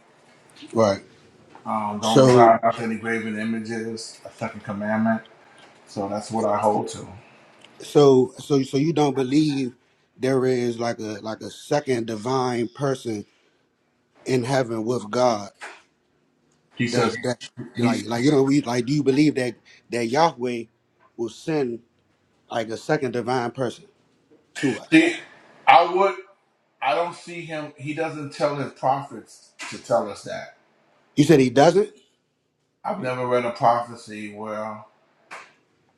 [SPEAKER 4] Um, don't bow down to any graven images. That's second commandment. So that's what I hold to. He says. He's see, I would. I don't see him. He doesn't tell his prophets to tell us that. I've never read a prophecy where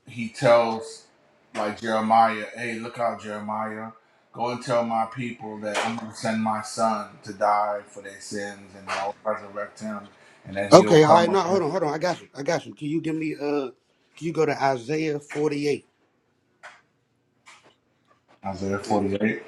[SPEAKER 4] he tells, like Jeremiah, "Hey, look out, Jeremiah, go and tell my people that I'm going to send my son to die for their sins, and I'll resurrect him, and then he'll come up here." Isaiah 48.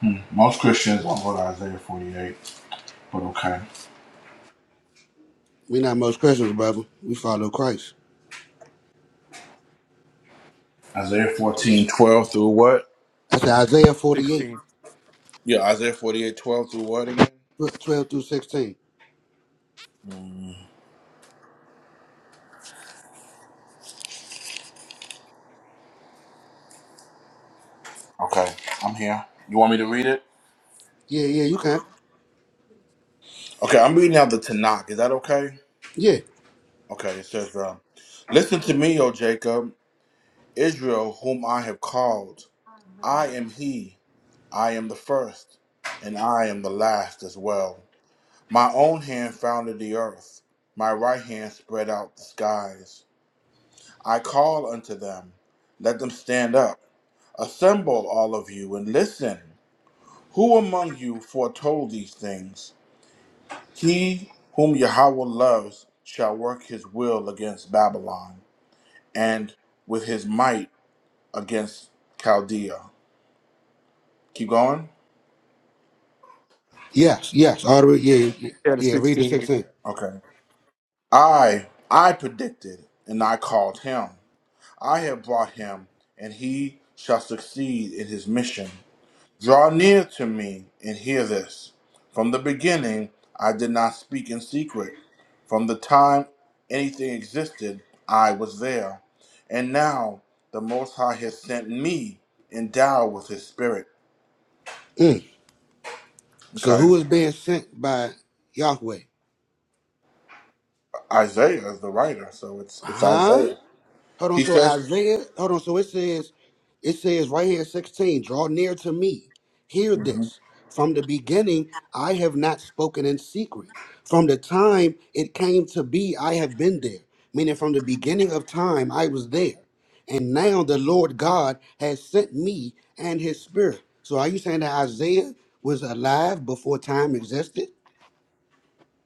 [SPEAKER 4] Hmm. Most Christians won't go to Isaiah 48, but okay. Isaiah 14:12 through what?
[SPEAKER 1] Sixteen.
[SPEAKER 4] Yeah, Isaiah 48:12 through what again? Hmm. Okay, I'm here. You want me to read it? Okay, I'm reading out the Tanakh. Is that okay? Okay, it says, uh, Listen to me, O Jacob, Israel, whom I have called. I am he. I am the first, and I am the last as well. My own hand founded the earth, my right hand spread out the skies. I call unto them, let them stand up. Assemble, all of you, and listen. Who among you foretold these things? He whom Yahweh loves shall work his will against Babylon and with his might against Chaldea. Keep going.
[SPEAKER 1] Yeah, the sixteen.
[SPEAKER 4] Okay. I I predicted and I called him. I have brought him and he shall succeed in his mission. Draw near to me and hear this. From the beginning I did not speak in secret. From the time anything existed, I was there. And now the Most High has sent me endowed with his spirit. Okay. Isaiah is the writer, so it's it's Isaiah. He says Mhm.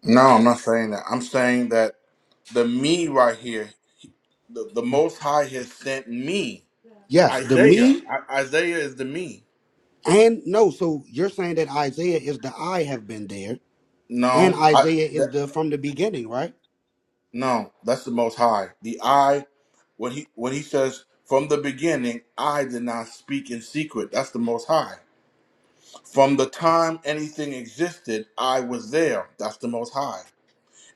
[SPEAKER 4] No, I'm not saying that. I'm saying that the me right here, the, the most high has sent me. Isaiah. I, Isaiah is the me. No. I, No, that's the Most High. The I, when he when he says from the beginning, I did not speak in secret. That's the Most High. From the time anything existed, I was there. That's the Most High.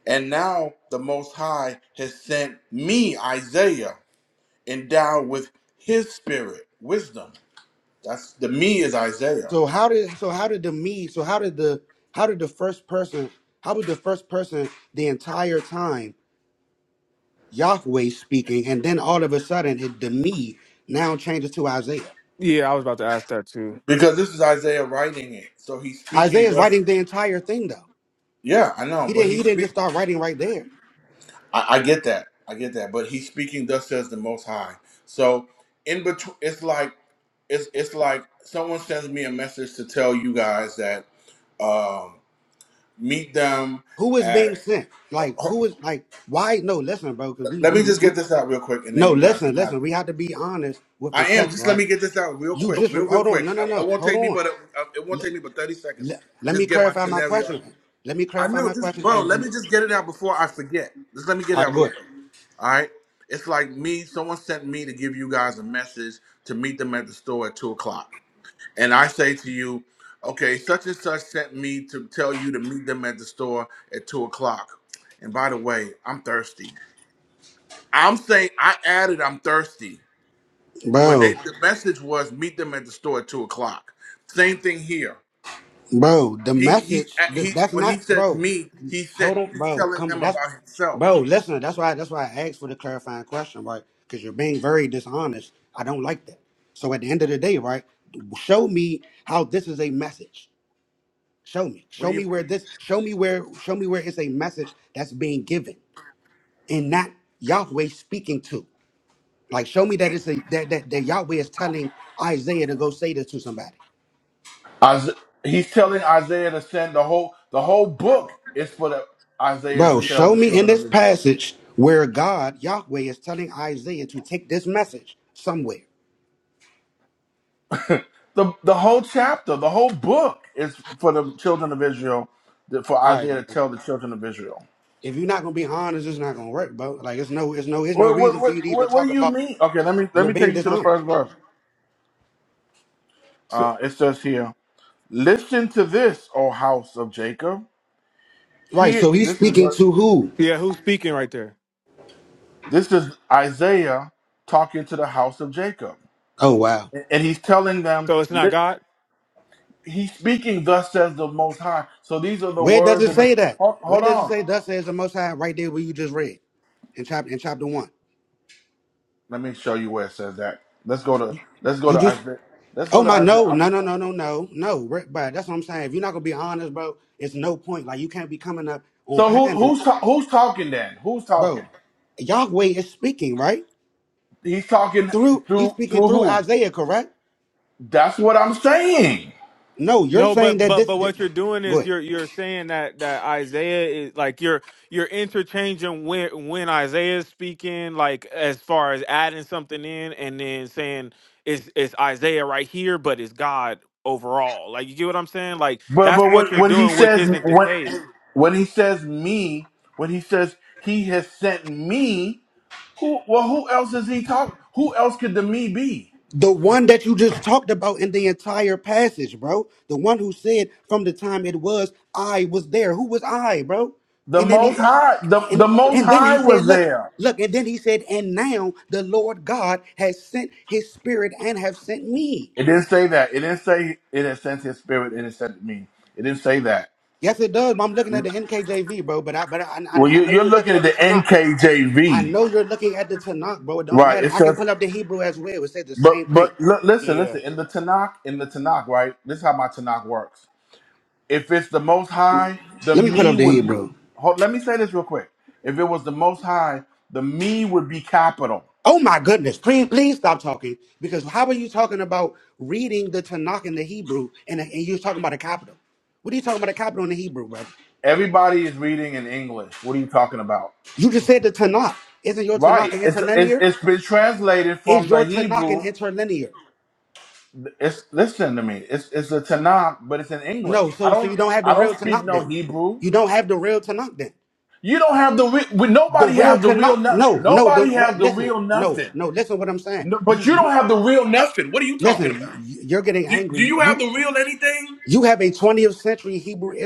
[SPEAKER 4] And now the Most High has sent me, Isaiah, endowed with His Spirit, wisdom. That's the me is Isaiah
[SPEAKER 1] Yeah, I was about to ask that too.
[SPEAKER 4] because this is Isaiah writing it. So he's speaking. Just, yeah, I know, but he speak. I, I get that. I get that. But he's speaking thus says the most high. So in between it's like it's it's like someone sends me a message to tell you guys that um meet them at let me just get this out real quick and then you guys can have it. I am just let me get this out real quick, real real quick. It, it won't take me but it, it won't take me but 30 seconds to just get my scenario I know. Just bro, let me just get it out before I forget. Just let me get it out real quick. All right. It's like me. Someone sent me to give you guys a message to meet them at the store at two o'clock, and I say to you, okay, such and such sent me to tell you to meet them at the store at two o'clock. And by the way, I'm thirsty. I'm saying I added I'm thirsty, but they, the message was meet them at the store at two o'clock. Same thing here. He he he. When he says me, he said he's telling them about himself. What do you? Isa- he's telling Isaiah to send the whole the whole book is for the Isaiah to tell the children of Israel. The the whole chapter, the whole book is for the children of Israel, that- for Isaiah to tell the children of Israel. What what what, what, what do you mean? Okay, let me let me take you to the first verse.
[SPEAKER 1] So
[SPEAKER 4] Uh, it says here, "Listen to this, O house of Jacob." Here, this is ver-
[SPEAKER 1] yeah, who's speaking right there?
[SPEAKER 4] this is Isaiah talking to the house of Jacob, and and he's telling them.
[SPEAKER 1] So it's not God.
[SPEAKER 4] He's speaking, thus says the Most High. So these are the words of the. Hold, hold on. Let me show you where it says that. Let's go to. Let's go to Isaiah. Let's go to Isaiah. So who who's ta- who's talking then? Who's talking? He's talking through through who? That's what I'm saying.
[SPEAKER 1] No, but but but what you're doing is you're you're saying that that Isaiah is like you're you're interchanging when when Isaiah is speaking, like as far as adding something in, and then saying it's it's Isaiah right here, but it's God overall. Like you get what I'm saying? Like
[SPEAKER 4] But
[SPEAKER 1] that's
[SPEAKER 4] but
[SPEAKER 1] what
[SPEAKER 4] when,
[SPEAKER 1] you're
[SPEAKER 4] when he
[SPEAKER 1] doing, which
[SPEAKER 4] says
[SPEAKER 1] isn't the
[SPEAKER 4] when
[SPEAKER 1] case.
[SPEAKER 4] when he says me, when he says he has sent me, who well who else is he talking? Who else could the me be? The Most High. The the Most High was there. It didn't say that. It didn't say it had sent his spirit. It had sent me. It didn't say that. Well, you, you're looking at the NKJV, right? It says, but but look, listen,
[SPEAKER 1] Yeah,
[SPEAKER 4] listen. In the Tanakh, in the Tanakh, right? This is how my Tanakh works. If it's the Most High, the me would be. Hold, let me say this real quick. If it was the Most High, the me would be capital. Everybody is reading in English. What are you talking about? Right. It's it's, it's been translated from the Hebrew. It's listen to me. It's it's a Tanakh, but it's in English. I don't I don't speak no Hebrew. You don't have the re- we- nobody has the real no- nobody has the real nothing. No- but you don't have the real nothing. What are you talking about? Do, do you have the real anything?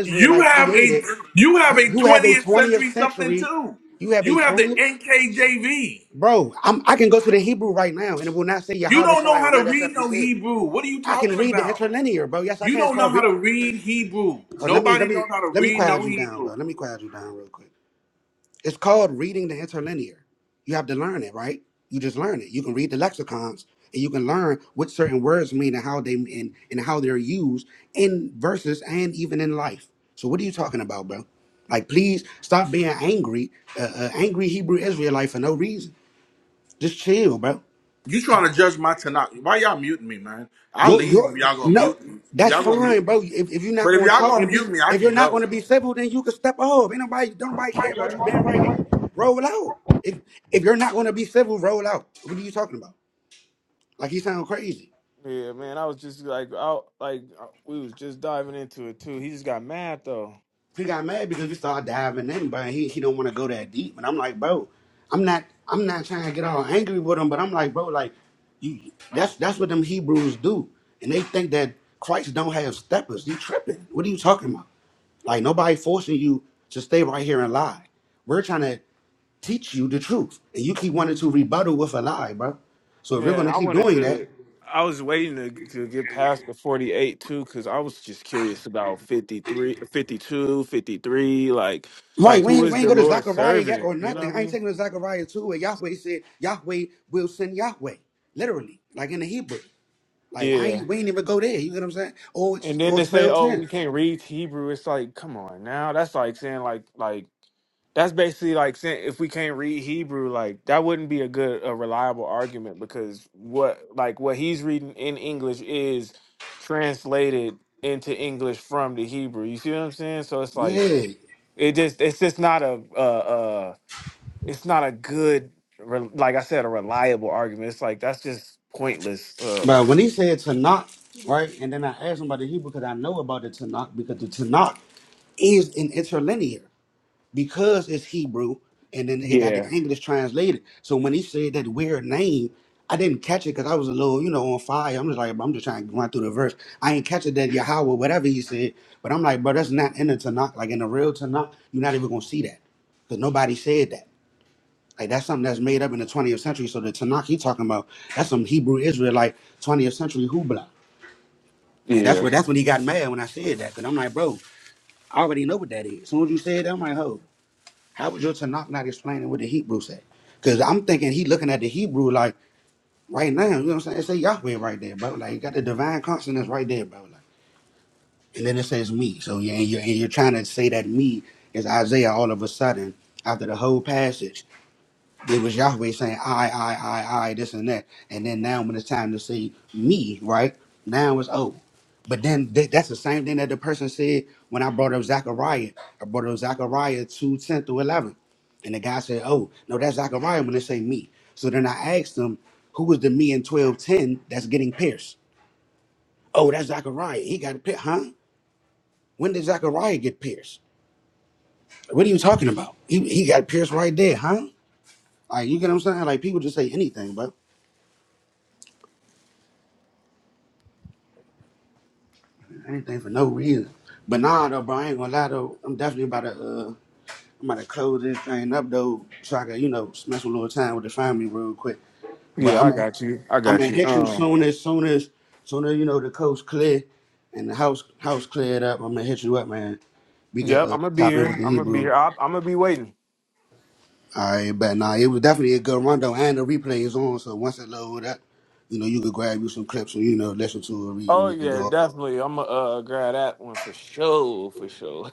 [SPEAKER 4] You have a you have a 20th century something too. You have the NKJV. You don't know how to read no Hebrew. What are you talking about? You don't know how to read Hebrew. Nobody knows how to read no Hebrew. You trying to judge my Tanakh? Why y'all muting me, man? I'll leave if y'all gonna mute me. If y'all gonna mute, but if y'all gonna mute me, I can go.
[SPEAKER 1] yeah, man. I was just like, I like we was just diving into it too. He just got mad though. Yeah, and I wanted to. I was waiting to, to get past the 48 too, because I was just curious about 53, 52, 53. Like, like who is the Lord's servant? You know what I mean? Yeah. And then they say, "Oh, we can't read Hebrew." It's like, come on, now that's like saying like like that's basically like saying if we can't read Hebrew, like that wouldn't be a good a reliable argument because what like what he's reading in English is translated into English from the Hebrew. You see what I'm saying? So it's like it just it's just not a uh uh it's not a good re- like I said a reliable argument. It's like that's just pointless. Um, yeah, yeah. Yeah, I got you. I got you. Um, yep, I'm gonna be here. I'm gonna be here. I, I'm gonna be waiting. Oh yeah, definitely. I'm gonna uh, grab that one for sure, for sure.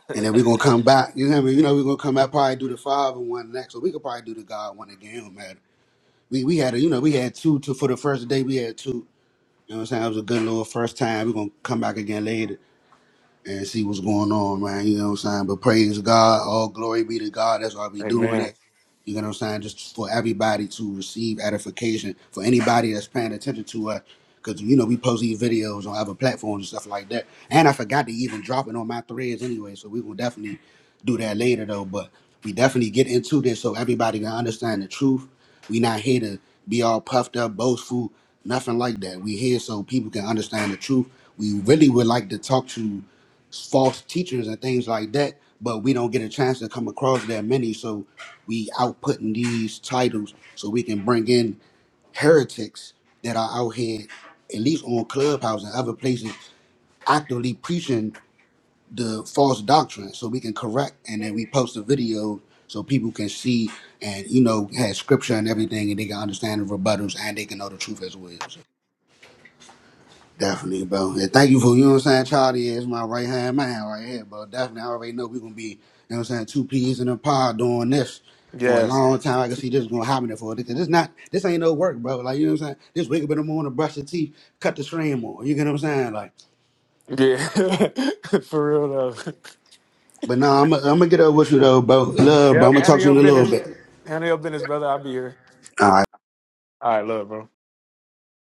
[SPEAKER 1] (laughs) Amen. Yes. Yeah. (laughs) for real though. Yep. Handle your business. Handle your business, brother. I'll be here. All right, love, bro.